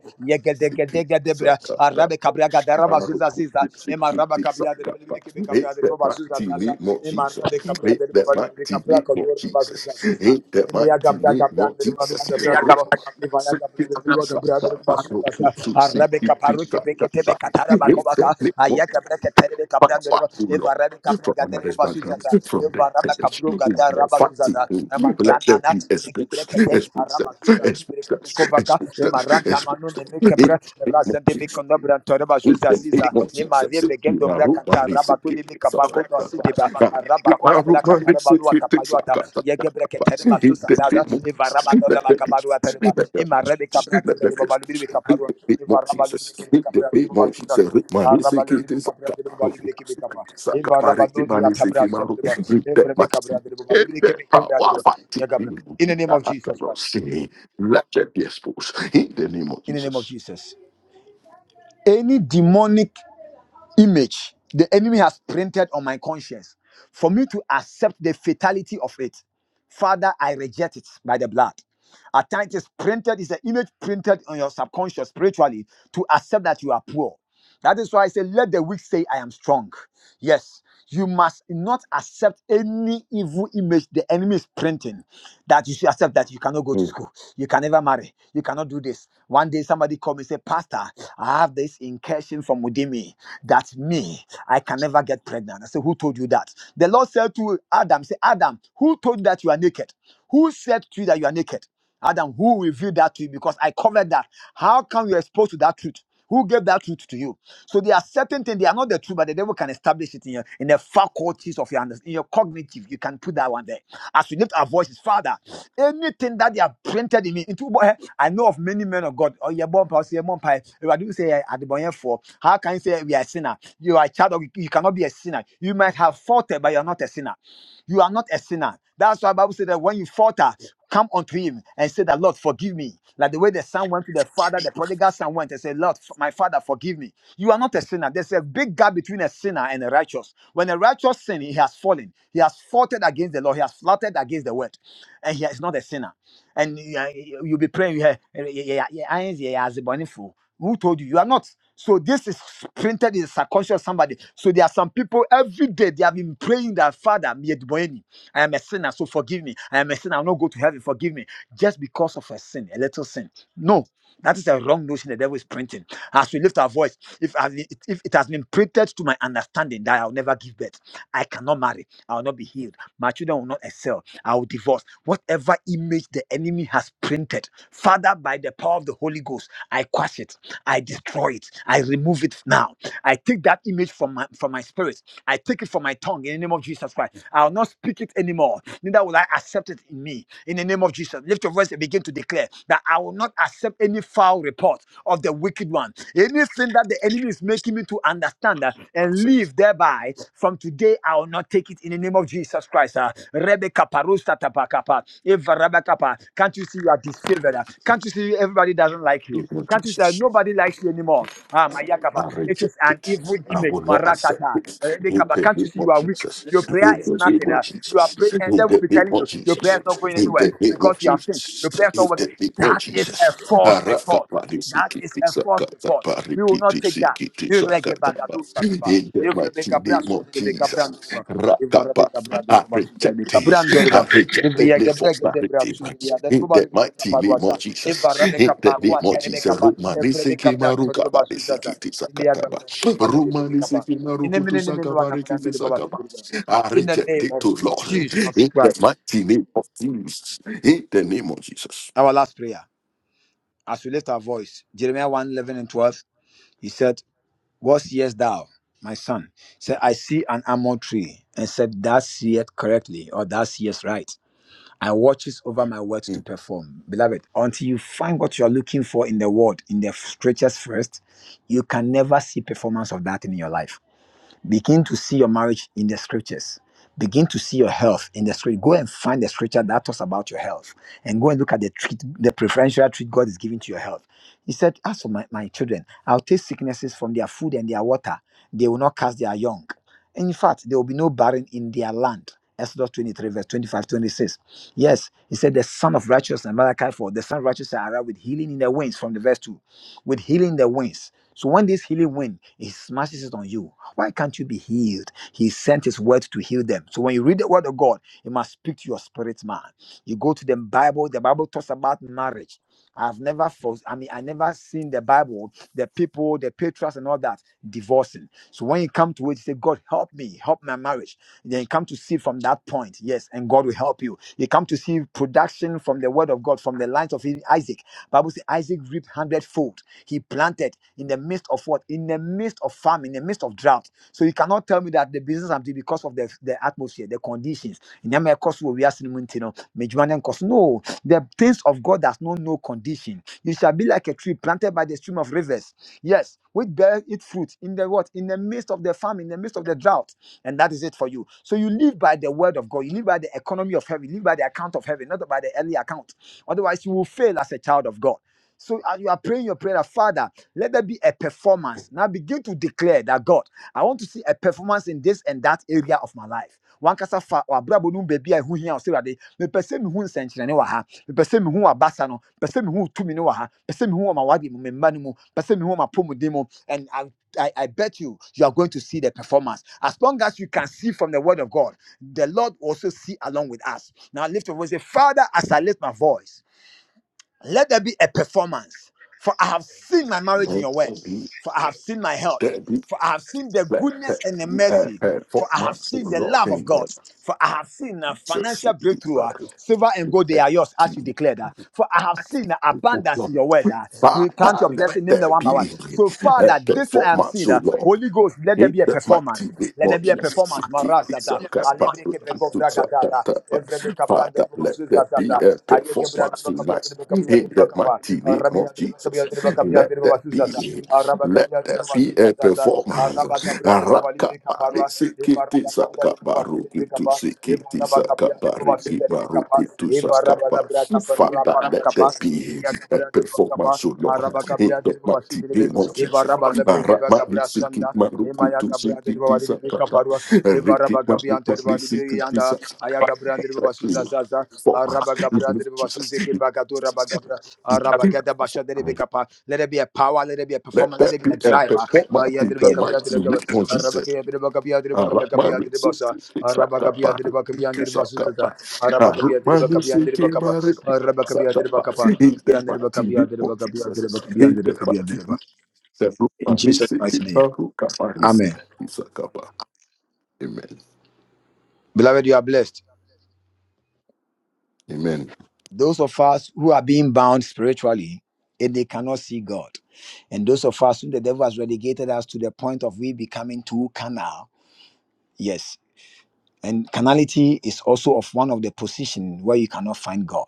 C: Siki
B: yegedegedegedebra
C: sakata.
B: arabe kabria gadara bazuza ziza emaraba
C: Arukubitsikiti
B: kabria derebelebelekebe
C: sakata. Ain't
B: kabria derebo
C: that
B: bazuza
C: mighty
B: zaza
C: name of Jesus?
B: emarabe kabria
C: Ain't
B: derebo
C: that
B: balibele
C: mighty
B: kabria
C: name of
B: kotora
C: Jesus?
B: bazuza ziza
C: Ain't that
B: emeya
C: mighty
B: gabria
C: name
B: gabria
C: of
B: derebo adua
C: Jesus?
B: debra derebo evaya
C: Arukubitsikiti
B: gabria derebo gabria
C: sakata.
B: derebo bazuza za arabe
C: Arukubitsikiti
B: kaparu kepeke tebe
C: sakata.
B: katara
C: Ain't that
B: bakobaka
C: name of
B: aya gabria ketere kabria
C: Father,
B: derebo
C: O Lord,
B: evarabe kabria
C: from our
B: gadere
C: mother's
B: bazuza
C: background,
B: za
C: from the
B: evaraba
C: village,
B: kabro
C: O
B: gadara
C: Lord,
B: bazuza
C: fighting,
B: za
C: O Lord, let
B: emarana
C: there
B: na
C: be exposed,
B: yegebrekete
C: expose them,
B: araba mazuza tindre
C: expose them,
B: kovaka
C: expose
B: e
C: them,
B: maranta manu
C: expose
B: ne
C: them. In
B: mekepre
C: the name of
B: rasente be
C: Jesus.
B: kondabra
C: In
B: bazuza
C: the
B: ziza
C: name of
B: e
C: Jesus,
B: marie
C: thank
B: begen
C: you, my
B: dobra
C: root, my
B: kata
C: knees,
B: raba
C: thank you,
B: de
C: it's a
B: mekabako
C: cut,
B: to
C: cut, cut.
B: sideba
C: Thank
B: raba
C: you, my
B: da
C: root,
B: bra
C: my
B: kata
C: knees,
B: raba
C: thank
B: lua
C: you, it's a
B: ata
C: cut, cut, cut,
B: yegebre
C: cut.
B: kete
C: In the
B: bazuza
C: name
B: dada
C: of
B: e
C: Jesus,
B: varaba to
C: let the
B: makabaru ata
C: peace, let
B: e
C: the
B: marebe
C: peace,
B: kabra
C: let
B: gada
C: the
B: reba
C: peace.
B: balubiri be
C: In the name
B: e
C: of
B: varaba
C: Jesus,
B: lubiri kete
C: in the
B: kabra
C: name
B: reba
C: of Jesus,
B: bazuza
C: root, my knees,
B: araba
C: thank you,
B: lubiri be
C: it's a
B: kabra
C: cut, cut,
B: reba
C: cut,
B: lubiri kebe
C: cut.
B: kapa
C: It's I
B: e
C: cut, cut,
B: varaba do
C: cut, my
B: dia
C: knees, thank
B: kabra
C: you, my root. In
B: e
C: the
B: vrebe
C: mighty-
B: kabra
C: name,
B: reba
C: in
B: lubiri
C: the
B: kebe
C: power
B: kabra
C: of
B: reba
C: fighting, me,
B: in the name of
C: I
B: Jesus
C: cannot
B: Christ
C: see. Let the peace, in the name of
B: in the name of
C: Jesus.
B: Jesus. Any demonic image the enemy has printed on my conscience for me to accept the fatality of it. Father, I reject it by the blood. At times it's printed, it's an image printed on your subconscious spiritually to accept that you are poor. That is why I say, let the weak say, I am strong. Yes, you must not accept any evil image the enemy is printing that you should accept that you cannot go to
C: Mm.
B: school, you can never marry, you cannot do this. One day somebody called me and said, Pastor, I have this incursion from within me that me, I can never get pregnant. I said, Who told you that? The Lord said to Adam, Say, Adam, who told you that you are naked? Who said to you that you are naked? Adam, who revealed that to you? Because I covered that. How come you're exposed to that truth? Who gave that truth to you? So there are certain things, they are not the truth, but the devil can establish it in your in the faculties of your understanding, in your cognitive. You can put that one there. As we lift our voices, Father, anything that they have printed in me, into eh, I know of many men of God. Oh, yeah, bomb, I say, bomb, I do say, eh, at the boy, eh, for how can you say eh, we are a sinner? You are a child of, you cannot be a sinner. You might have faulted, but you are not a sinner. You are not a sinner. That's why Bible said that when you falter, come unto him and say that Lord, forgive me. Like the way the son went to the father, the prodigal son went and said, Lord, f- my father, forgive me. You are not a sinner. There's a big gap between a sinner and a righteous. When a righteous sin, he has fallen. He has faltered against the law. He has flouted against the word. And he is not a sinner and you, are- you- will be praying. eh, eh, eh, Yeah, yeah, yeah, yeah, yeah, as a for who told you you are not. So this is printed in the subconscious of somebody. So there are some people every day they have been praying that Father, me admoni. I am a sinner, so forgive me. I am a sinner, I will not go to heaven. Forgive me, just because of a sin, a little sin. No. That is a wrong notion the devil is printing. As we lift our voice, if, I- if it has been printed to my understanding that I'll never give birth, I cannot marry, I'll not be healed, my children will not excel, I will divorce. Whatever image the enemy has printed, Father, by the power of the Holy Ghost, I quash it, I destroy it, I remove it now. I take that image from my from my spirit. I take it from my tongue in the name of Jesus Christ. I will not speak it anymore. Neither will I accept it in me. In the name of Jesus, lift your voice and begin to declare that I will not accept any foul report of the wicked one. Anything that the enemy is making me to understand uh, and
C: That's it.
B: live thereby, from today I will not take it in the name of Jesus Christ. Uh, Rebecca Parusta Tapakapa, Eva Rabakapa. Can't you see you are disfavored? uh? Can't you see everybody doesn't like you?
C: name of
B: Can't you say
C: Jesus.
B: nobody likes you anymore? Ah, Mayakaba.
C: I
B: It
C: reject
B: is an
C: it.
B: evil
C: I
B: image.
C: will not accept
B: Marakata.
C: it.
B: Eh,
C: In
B: Lekaba.
C: the
B: Can't you
C: name
B: see
C: of
B: you are weak?
C: Jesus.
B: Your prayer
C: In
B: is
C: the name
B: nothing.
C: of
B: Uh, you are
C: Jesus.
B: praying,
C: In
B: and they will
C: the
B: be
C: name
B: telling
C: of
B: you your prayer
C: Jesus.
B: is not going
C: In
B: anywhere
C: the name
B: because
C: of
B: you have sinned. Your
C: Jesus.
B: prayer is
C: In
B: not working.
C: the name of
B: That is
C: Jesus.
B: a false
C: Araka
B: report.
C: pari
B: That is
C: sikiti
B: a false
C: sakata
B: report.
C: pari
B: We will not
C: kiti
B: take that.
C: sikiti
B: You reggae
C: sakata pa.
B: bagadu
C: In
B: sadaba.
C: the
B: Every
C: mighty
B: begabra
C: name
B: so
C: of
B: the
C: Jesus.
B: begabra. Ivara bir kabra deri
C: I
B: baba şu
C: reject
B: bir
C: this.
B: kabran deri baba.
C: I reject
B: Bu biya
C: any
B: gebre
C: false
B: gede bra
C: narrative.
B: şu biya deri
C: In
B: baba
C: the
B: lu bir
C: mighty
B: kaparu
C: name of Jesus.
B: Ivara be
C: In the
B: kapa ku
C: name of
B: atere be
C: Jesus.
B: kapa.
C: Rumani
B: Evre be
C: seki
B: kabra deri
C: maruka
B: baba
C: bari
B: şu
C: seki
B: zaza. Biya gabra
C: tisakataba.
B: deri baba lu bir
C: Rumani
B: kapa.
C: seki
B: İne
C: maruku
B: mine ne mine
C: tusakaba
B: wana mine
C: reki
B: deri baba şu
C: tisakaba.
B: baba.
C: I
B: In the
C: reject
B: name
C: it
B: of
C: to Lord. In
B: Jesus
C: the
B: Christ.
C: mighty name of Jesus. In the name of Jesus.
B: Our last prayer. As we lift our voice, Jeremiah 1, eleven and 12, he said, What seest thou, my son? He said I see an almond tree, and said, Thou seest correctly, or thou seest right. and watches over my works to
C: Mm.
B: perform. Beloved, until you find what you are looking for in the world, in the scriptures first, you can never see performance of that in your life Begin to see your marriage in the scriptures. Begin to see your health in the scripture. Go and find the scripture that talks about your health and go and look at the treat, the preferential treat God is giving to your health. He said, As for my, my children, I'll take sicknesses from their food and their water. They will not cast their young. And In fact, there will be no barren in their land. Exodus 23, verse 25, 26. Yes, he said, The son of righteousness, Malachi 4, the son of righteousness arrived with healing in the wings from the verse 2. With healing in the wings. So when this healing wind, it smashes it on you. Why can't you be healed? He sent his word to heal them. So when you read the word of God, it must speak to your spirit man. You go to the Bible, the Bible talks about marriage. I've never I mean, I never seen the Bible, the people, the patriarchs and all that divorcing. So when you come to it, you say, God help me, help my marriage. And Then you come to see from that point, yes, and God will help you. You come to see production from the word of God, from the lines of Isaac. Bible says Isaac reaped hundredfold. He planted in the midst of what? In the midst of famine, in the midst of drought. So you cannot tell me that the business I'm doing because of the, the atmosphere, the conditions. In the mere course where we are seeing, you know, me juma nem No, the things of God does not know condition. You shall be like a tree planted by the stream of rivers. Yes, which bear its fruit in the what? In the midst of the famine, in the midst of the drought. And that is it for you. So you live by the word of God. You live by the economy of heaven. You live by the account of heaven, not by the early account. Otherwise, you will fail as a child of God. So as you are praying your prayer, Father, let there be a performance. Now begin to declare that God, I want to see a performance in this and that area of my life. One kasa fa or brabo num baby I who here or say that the person who is sentient waha, the person who are basano, person who two minuaha, person who am a wadi mumanimu, person who am a pomodimo, and I I, I bet you you are going to see the performance. As long as you can see from the word of God, the Lord also see along with us. Now lift your voice, say, Father, as I lift my voice. Let there be a performance. For I have seen my marriage in
C: Let
B: your word.
C: there be,
B: For I have seen my health.
C: there be,
B: For I have seen the
C: let there
B: goodness and the
C: be a
B: mercy.
C: uh, for
B: For I
C: my
B: have
C: soul,
B: seen the
C: Lord,
B: love of
C: in the
B: God. For I have seen a
C: Jesus.
B: financial
C: In
B: breakthrough. ah. Silver and
C: the
B: gold, they are yours,
C: mighty
B: as you
C: name
B: declared. ah. For I have seen the
C: of
B: abundance
C: Jesus.
B: in your word. ah. You count
C: Father,
B: your
C: let
B: blessing, name the
C: there
B: one by one.
C: be
B: So,
C: a
B: Father, this thing I am
C: performance,
B: seeing,
C: O
B: ah,
C: Lord.
B: Holy Ghost, let there
C: In
B: be a
C: the
B: performance.
C: mighty name
B: Let there
C: of
B: be a
C: Jesus,
B: performance.
C: King
B: Marazada.
C: Sakapa,
B: Alebreke
C: King
B: begovra gadara.
C: Sakapa.
B: Evrebe
C: Father,
B: kabranda
C: Father,
B: ni
C: let
B: mazuzra
C: there be
B: zata.
C: a
B: Ayeke brada de
C: performance
B: bakabia
C: tonight.
B: ni bakabia
C: In
B: ni
C: the
B: bakapa.
C: mighty name
B: Arabia
C: of
B: de bakabia
C: Jesus,
B: ni bakabia
C: let
B: ni
C: there
B: bazuza zata.
C: be,
B: Araba
C: let
B: kabia
C: there
B: ni
C: be
B: bazuza
C: a
B: zata.
C: performance.
B: Araba kabra ni babali
C: Rakapa,
B: ni kaparwa.
C: Sikiti
B: Evaraba kabia ni
C: Sakapa,
B: bazuza ni
C: Rukutu
B: kapa.
C: Sikiti
B: Evaraba kabia
C: Sakapa,
B: ni bazuza ni kapa.
C: Rikimarukutu
B: Evaraba na bra
C: Sakapa.
B: kapar
C: Father,
B: rapa tu
C: let there
B: kapa.
C: be.
B: Via
C: I Perform
B: kabra ni bakapa.
C: performance, O Lord,
B: Araba
C: in
B: kabia ni
C: the
B: de
C: mighty name of
B: ni
C: Jesus.
B: Evaraba lebreke
C: Barama
B: bakabra
C: nisiki
B: shanda.
C: maruku
B: Emaya
C: tu
B: Gabra de
C: siki
B: Baba
C: tisa
B: de
C: kata.
B: Caparua,
C: Riki
B: Evaraba Gabian
C: maruku
B: Terba de
C: nisiki
B: Yanda,
C: tisa.
B: Aya Gabra de Baba Suza Zaza,
C: For my
B: Araba Gabra
C: name of
B: de Baba
C: Jesus.
B: Suze Kebagato Raba Gabra, Araba Gada Basha de Becapa. Let it be a power, let it be a
C: Let
B: performer, let it
C: that
B: be
C: be
B: a
C: a
B: driver.
C: performance
B: Aya
C: in
B: de
C: the
B: Bacabia de
C: mighty name
B: Bacaba,
C: of
B: Araba
C: Jesus.
B: Gabia de Bacabia de Bacabia
C: Aramani
B: de Bosa,
C: siki
B: Araba Gabia
C: sakapa,
B: de Bacabia de
C: siki
B: Basuza,
C: sakapa.
B: Araba Gabia de
C: Aramani
B: Bacabia de
C: siki
B: Bacapa,
C: mare
B: Araba Gabia de
C: sakapa.
B: Bacapa,
C: In the
B: Yan de
C: mighty
B: Bacabia
C: name
B: de
C: of
B: Bacabia de
C: Jesus.
B: Bacabia
C: In the
B: de
C: mighty name
B: Bacabia
C: of
B: de Bacabia.
C: Jesus.
B: In
C: Aramani
B: Jesus'
C: siki
B: mighty name.
C: maru kapari
B: Amen.
C: siki sakapa. Amen.
B: Beloved, you are blessed.
C: Amen.
B: Those of us who are being bound spiritually, and they cannot see God. And those of us whom the devil has relegated us to the point of we becoming too carnal. Yes. And carnality is also of one of the position where you cannot find God.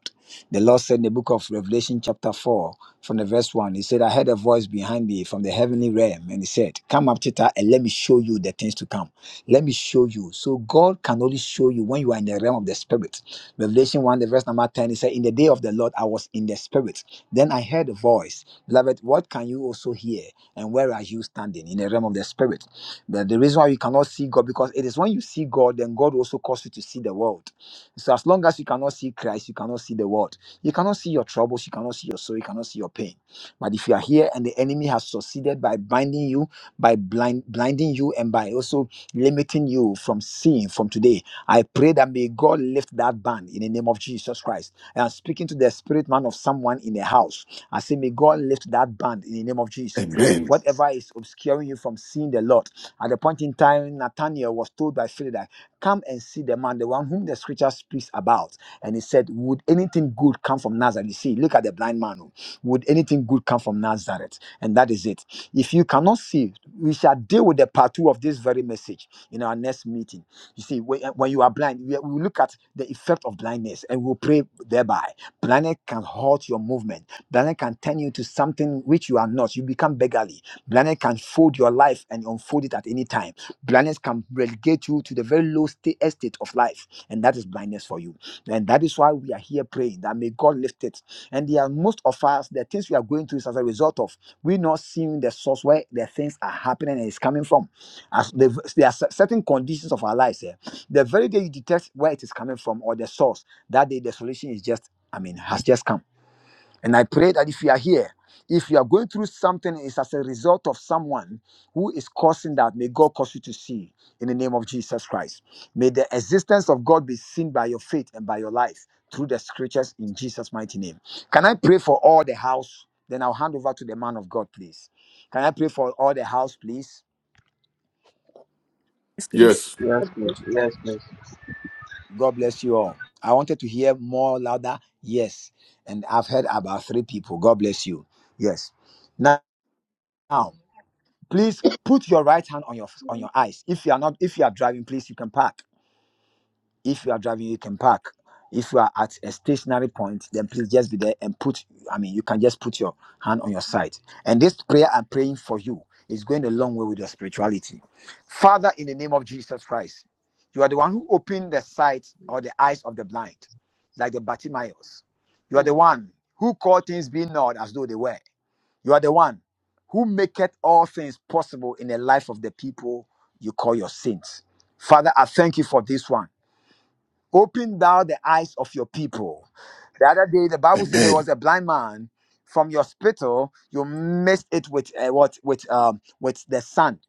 B: The Lord said in the book of Revelation, chapter 4, from the verse 1, He said, I heard a voice behind me from the heavenly realm, and He said, Come up, Tita, and let me show you the things to come. Let me show you. So God can only show you when you are in the realm of the Spirit. Revelation 1, the verse number 10, He said, In the day of the Lord, I was in the Spirit. Then I heard a voice. Beloved, what can you also hear? And where are you standing in the realm of the Spirit? But the reason why you cannot see God, because it is when you see God, then God also causes you to see the world. So as long as you cannot see Christ, you cannot see the world. You cannot see your troubles, you cannot see your sorrow, you cannot see your pain. But if you are here and the enemy has succeeded by binding you, by blind blinding you, and by also limiting you from seeing from today, I pray that may God lift that ban in the name of Jesus Christ. And I'm speaking to the spirit man of someone in the house. I say, may God lift that ban in the name of Jesus
C: Amen.
B: whatever is obscuring you from seeing the Lord, at the point in time, Nathanael was told by Philip that, Come and see the man, the one whom the scripture speaks about. And he said, Would anything good come from Nazareth? You see, look at the blind man. oh. Would anything good come from Nazareth? And that is it. If you cannot see, we shall deal with the part two of this very message in our next meeting. You see, when, when you are blind, we, we will look at the effect of blindness and we'll pray thereby. Blindness can halt your movement, blindness can turn you to something which you are not. You become beggarly. Blindness can fold your life and unfold it at any time. Blindness can relegate you to the very low state estate of life, and that is blindness for you. And that is why we are here praying that may God lift it. And there are most of us, the things we are going through is as a result of we not seeing the source where the things are happening and it's coming from. As the, there are cer- certain conditions of our lives here. The very day you detect where it is coming from or the source, that day the solution is just, I mean, has just come. And I pray that if you are here, if you are going through something, it's as a result of someone who is causing that. May God cause you to see in the name of Jesus Christ. May the existence of God be seen by your faith and by your life through the scriptures in Jesus' mighty name. Can I pray for all the house? Then I'll hand over to the man of God, please. Can I pray for all the house, please?
F: list
C: Yes.
G: Yes, please. Yes, please.
B: God bless you all. I wanted to hear more louder. Yes. And I've heard about three people. God bless you. Yes. Now, please put your right hand on your on
H: Mm,
B: your eyes if you are not if you are driving please you can park if you are driving you can park if you are at a stationary point then please just be there and put i mean you can just put your hand on your side and this prayer i'm praying for you is going a long way with your spirituality father in the name of jesus christ you are the one who opened the sight or the eyes of the blind like the bartimaeus you are the one who called things being not as though they were you are the one who maketh all things possible in the life of the people you call your saints. Father, I thank you for this one. Open thou the eyes of your people. The other day, the Bible said there
C: Amen.
B: was a blind man from your spittle. You mixed it with uh, what with um with the sand,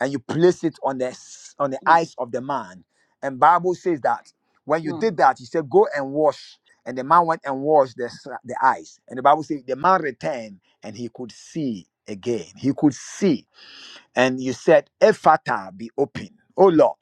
B: and you place it on the s- on the eyes of the man. And Bible says that when you did
H: mm,
B: that, he said, "Go and wash." And the man went and washed the s- the eyes. And the Bible says the man returned and he could see again. He could see and you said, Ephata be open. Oh Lord,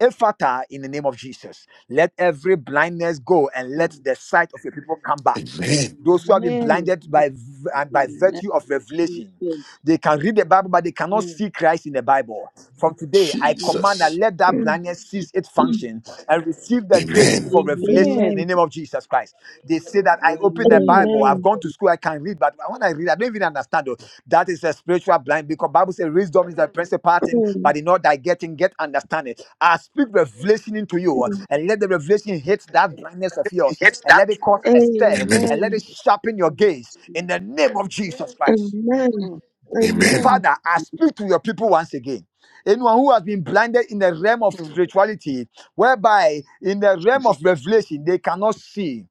B: Ephata in the name of Jesus. Let every blindness go and let
H: mm.
B: the sight of your people come back.
C: Amen.
B: Those who have been
D: Amen.
B: blinded by v- and by
H: Amen.
B: virtue of revelation,
D: Jesus.
B: they can read the Bible, but they cannot see Christ in the Bible. From today, I command that
D: Jesus.
C: Jesus.
B: let that blindness cease its function and receive the grace
C: Amen.
B: for revelation in
D: Amen.
E: Amen.
B: the name of Jesus Christ. They say that I open the Bible,
D: Amen.
B: I've
E: Amen.
B: gone to school, I can read, but when I read, I don't even understand. Oh, that is a spiritual blind because Bible says wisdom is the principal thing,
E: Amen.
B: but in order I get in, get understanding. I speak revelation into you
D: Yes,
B: uh,
D: yes,
B: and let the revelation hit that blindness of yours and let it cause a stir
C: Amen.
B: and let it
E: Amen.
B: sharpen your
D: yes,
B: gaze
H: Mm,
B: in the name of Jesus Christ.
D: yes,
E: Amen.
H: mm.
C: Amen.
E: Amen.
B: Father, I speak to your people once again. Anyone who has been blinded in the realm of
H: mm.
B: spirituality, whereby in the realm of
D: yes,
B: revelation they cannot see,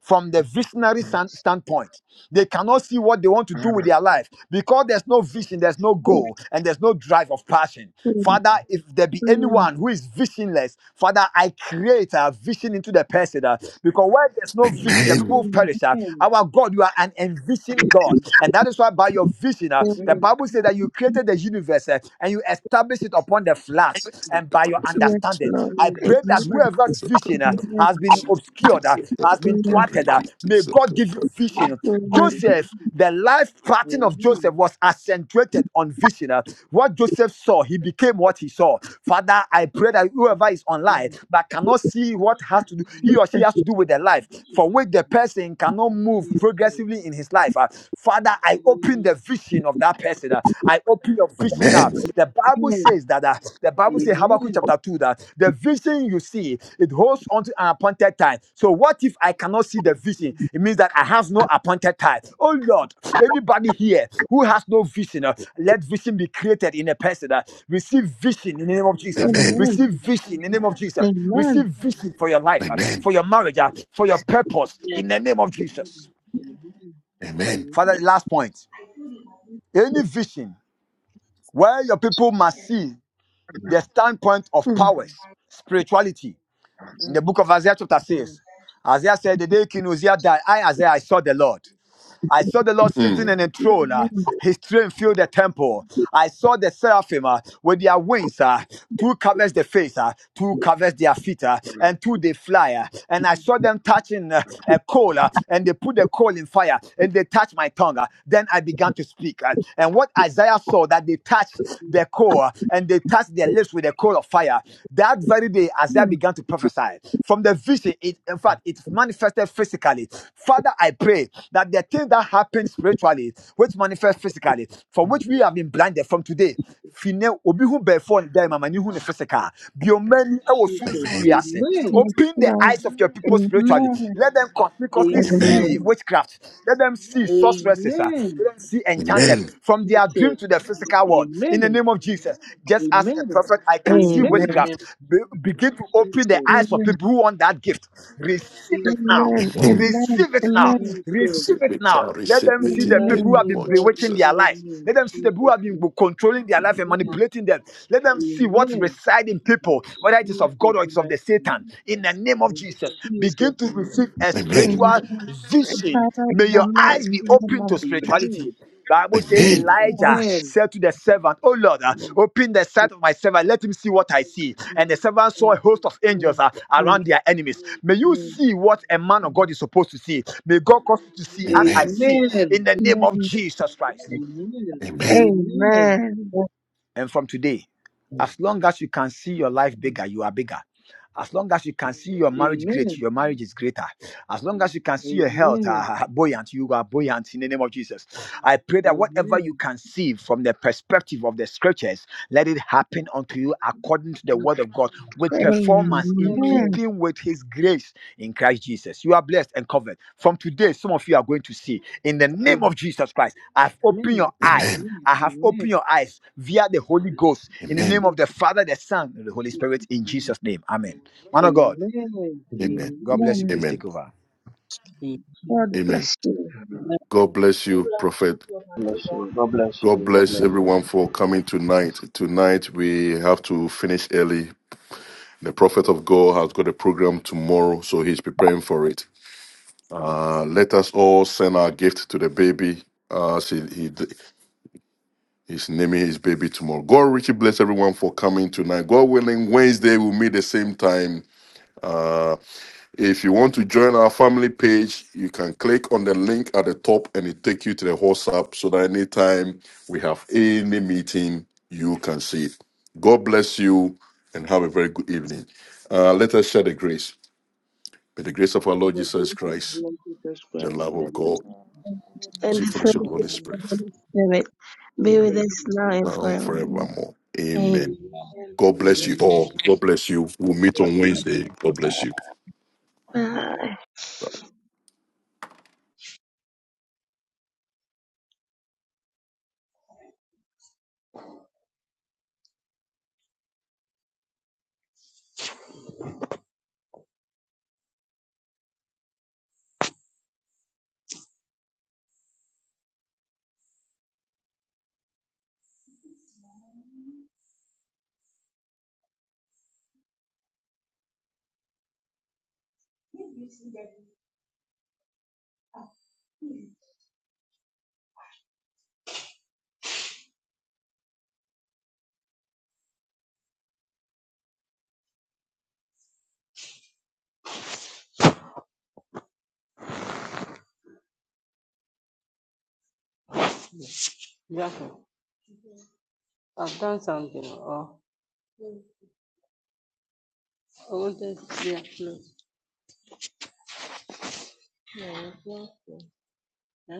B: from the visionary san- standpoint. They cannot see what they want to do with their life because there's no vision, there's no
D: yes,
E: Yes,
D: yes, yes, yes,
B: goal, and there's no drive of passion.
E: Lord.
B: Father, if there be
E: Mm,
D: yes.
B: anyone who is visionless, Father, I create a vision into the person uh, because where there's no vision, the
C: Amen.
B: people
E: mm,
B: perish. uh.
D: Amen.
B: Our God, you are an envisioned God,
D: Jesus.
B: and that is why by your vision, uh, the
E: mm.
D: Amen.
B: Bible says that you created the universe uh, and you established it upon the flats and by your
E: Yes,
B: understanding understanding.
E: Lord.
B: I
D: Amen.
B: pray that
E: Amen.
B: whoever's vision uh,
E: Amen.
B: has been obscured, uh, has been thwarted, uh, may God give you vision.
E: Amen. Amen.
D: Amen.
B: Joseph, the life pattern of Joseph was accentuated on vision. uh. What Joseph saw, he became what he saw. Father, I pray that whoever is online but cannot see what has to do, he or she
E: Jesus.
B: has to do with their life, for which the person cannot move progressively in his life. uh, Father, I open the vision of that person. uh. I I open your vision now.
E: we
B: The Bible says that uh, the Bible says Habakkuk chapter 2 that the vision you see it holds onto an appointed time. So what if I cannot see the vision? It means that I have no appointed time. Oh Lord, anybody here who has no vision, uh, let vision be created in a person. uh, receive vision in the name of Jesus. Receive vision in the name of Jesus.
E: Thank
B: Receive vision for your
C: Amen. Amen.
B: life, uh,
C: Amen.
B: for your marriage, uh, for your purpose
H: Yes,
B: in the name of Jesus.
D: Amen.
C: Amen.
D: Amen.
B: Father,
H: yes,
B: last point. Any vision where your people must see the standpoint of
D: Amen.
B: powers, spirituality, in the
D: Amen.
B: book of Isaiah chapter 6.
D: Amen.
B: Isaiah said, The day King Uzziah died, I, Isaiah, I saw the Lord. I saw the Lord sitting
D: Mm,
C: Mm.
B: in a throne.
E: you.
B: uh, his train filled the temple. I saw the seraphim uh, with their wings. Uh, two covers the face, uh, two covers their feet, uh, and two they fly. uh, and I
D: mm,
B: saw them touching uh, a coal, uh, and they put the coal in fire, and they touched my tongue. uh, then I began to speak. uh, and what Isaiah saw that they touched the coal, uh, and they touched their lips with the coal of fire. That that very day, Isaiah began to prophesy from the vision. It, in fact, it manifested physically. Father, I pray that the thing that happened spiritually, which manifests physically, for which we
D: Jesus,
B: have been blinded from today.
D: Jesus,
B: Fine, obi hu bɛɛfoɔ ne dan
D: Lord.
B: mu ama hu ne physical. Bio mani ɛwɔ
D: Jesus,
B: sunsun
C: Amen.
B: wiase.
D: amen.
E: Yes,
B: Open the
E: Lord.
B: eyes of your people spiritually.
E: Amen.
B: Let them conspicuously
C: Amen.
B: see
E: Amen.
D: Amen.
B: witchcraft. Let them see sorceresses. ah
D: Amen.
B: see enchanters
C: Amen.
B: from their dream
D: Jesus.
B: to the physical world in the
D: Amen.
B: name of Jesus. Just as a
D: Amen.
B: prophet, I can see
E: Amen.
D: Amen.
H: yes.
B: witchcraft. Be- begin to open the
D: Jesus.
B: eyes of
E: Amen.
B: people who want that gift. Receive it now.
D: Jesus.
E: Amen.
C: Amen.
B: Receive it now.
E: Amen. Amen.
D: Jesus.
B: Receive
C: Sit
B: it
C: with
B: now.
C: our
B: Let
C: receipt
B: them see the
C: in
D: Revive
C: the
B: people who
C: name
E: Amen.
B: have
D: me,
B: been
C: of
D: Lord.
B: bewitching
C: Jesus.
B: their
D: Revive
B: life.
D: me. in
B: Let them see the people who
D: Jesus.
B: have been
D: name.
B: controlling their life and
H: Mm,
D: Amen.
B: manipulating them. Let them see what
D: Amen.
B: resides in
D: In
B: people, whether it is of God
D: Jesus'
B: or it's of the the
D: mighty
B: Satan
D: name.
B: in the name of
D: In
B: Jesus. Begin
D: Jesus'
B: to
D: name.
B: receive a
C: Amen.
B: spiritual
E: Amen.
B: vision.
E: Father,
B: May
E: in the
B: your
E: mighty
B: eyes be
E: name
B: open
E: of
B: to
E: Jesus,
B: spirituality.
D: Amen.
B: Bible say
C: Amen.
B: Elijah
E: Lord,
D: Amen.
B: said to the servant, Oh Lord, uh,
D: Amen.
B: open the sight of my servant, let him see what I see. And the
D: Mm,
B: servant saw a
D: mm,
B: host of angels
D: mm,
B: uh,
H: mm,
B: around their enemies. May you
D: mm,
B: see what a man of
D: mm,
B: God is supposed to see. May God cause you to see as I
C: Amen.
B: see in
D: Amen.
B: the name of
E: Amen.
B: Jesus Christ.
D: Amen.
C: Amen.
D: Amen.
E: Amen.
H: mm,
B: And from today, as long as you can see your life
D: mm.
B: bigger, you are bigger. As long as you can see your marriage great,
D: Amen.
B: your marriage
H: mm,
B: is greater. As long as you can see your health
D: Amen.
B: uh, buoyant, you are buoyant in the name of Jesus. I pray that whatever you
D: Amen.
B: conceive from the perspective of the scriptures, let it
D: Yes,
B: happen unto you according to the word of God with
H: mm,
B: performance in
E: Amen.
D: Amen.
B: keeping with his grace in Christ Jesus. You are blessed and covered. From today, some of you are going to see in the name
H: mm.
B: of Jesus Christ. I've opened your
D: Amen.
B: eyes.
C: Amen.
D: Amen.
B: I have
D: Amen.
B: opened your eyes via the Holy
D: Jesus.
B: Ghost in the name
C: Amen.
B: of the
D: Jesus.
B: Father, the Son, and the Holy Spirit
D: Jesus.
B: in
D: Mm.
B: Jesus' name. Amen. Man of God,
D: Amen.
C: Amen.
B: God
D: Amen.
B: bless you.
E: Amen.
B: Please take
C: Amen.
B: over.
E: God
D: Jesus.
C: Amen.
E: bless you.
H: Amen.
C: God bless
I: God
C: you,
I: bless you,
C: Prophet.
I: dear
G: God
I: Mother of
G: bless
I: God.
G: you. God bless
C: God
G: you. God
C: bless
G: bless you.
C: everyone for coming tonight. Tonight we have to finish early. The Prophet of God has got a program tomorrow, so he's preparing for it.
H: Mm,
C: Uh, let us all send our gift to the baby. Uh, see, he, he's naming his baby tomorrow. God richly bless everyone for coming tonight. God willing, Wednesday we'll meet the same time. Uh, If you want to join our family page, you can click on the link at the top and it take you to the WhatsApp so that anytime we have any meeting, you can see it. God bless you and have a very good evening. Uh, let us share the grace. May the grace of our
D: For
C: Lord
D: the
C: Jesus
D: grace of our
C: Christ,
D: Lord Jesus
C: the
D: Christ,
C: love
D: the
C: of God,
D: love
E: And
J: Tennessee
C: see
E: the
D: of
C: fellowship of the Holy
E: fellowship of
D: God,
H: God.
C: Spirit,
E: the Holy Spirit
D: the
E: be
D: Holy Spirit, and the
H: Mm,
J: Tennessee
E: with
D: fellowship
E: us now
D: of the
E: and
C: now and
E: forever.
C: forevermore.
D: Holy Spirit.
C: Amen.
E: Amen.
C: God bless
D: Amen.
C: you
H: Amen.
C: all. God bless you.
D: God
C: We'll meet
E: God
D: bless
C: on
E: bless
C: Wednesday.
E: you.
C: God bless you.
E: Bye.
H: Jacob, I've done something. Oh, I wanted to be a close. Yeah, yeah.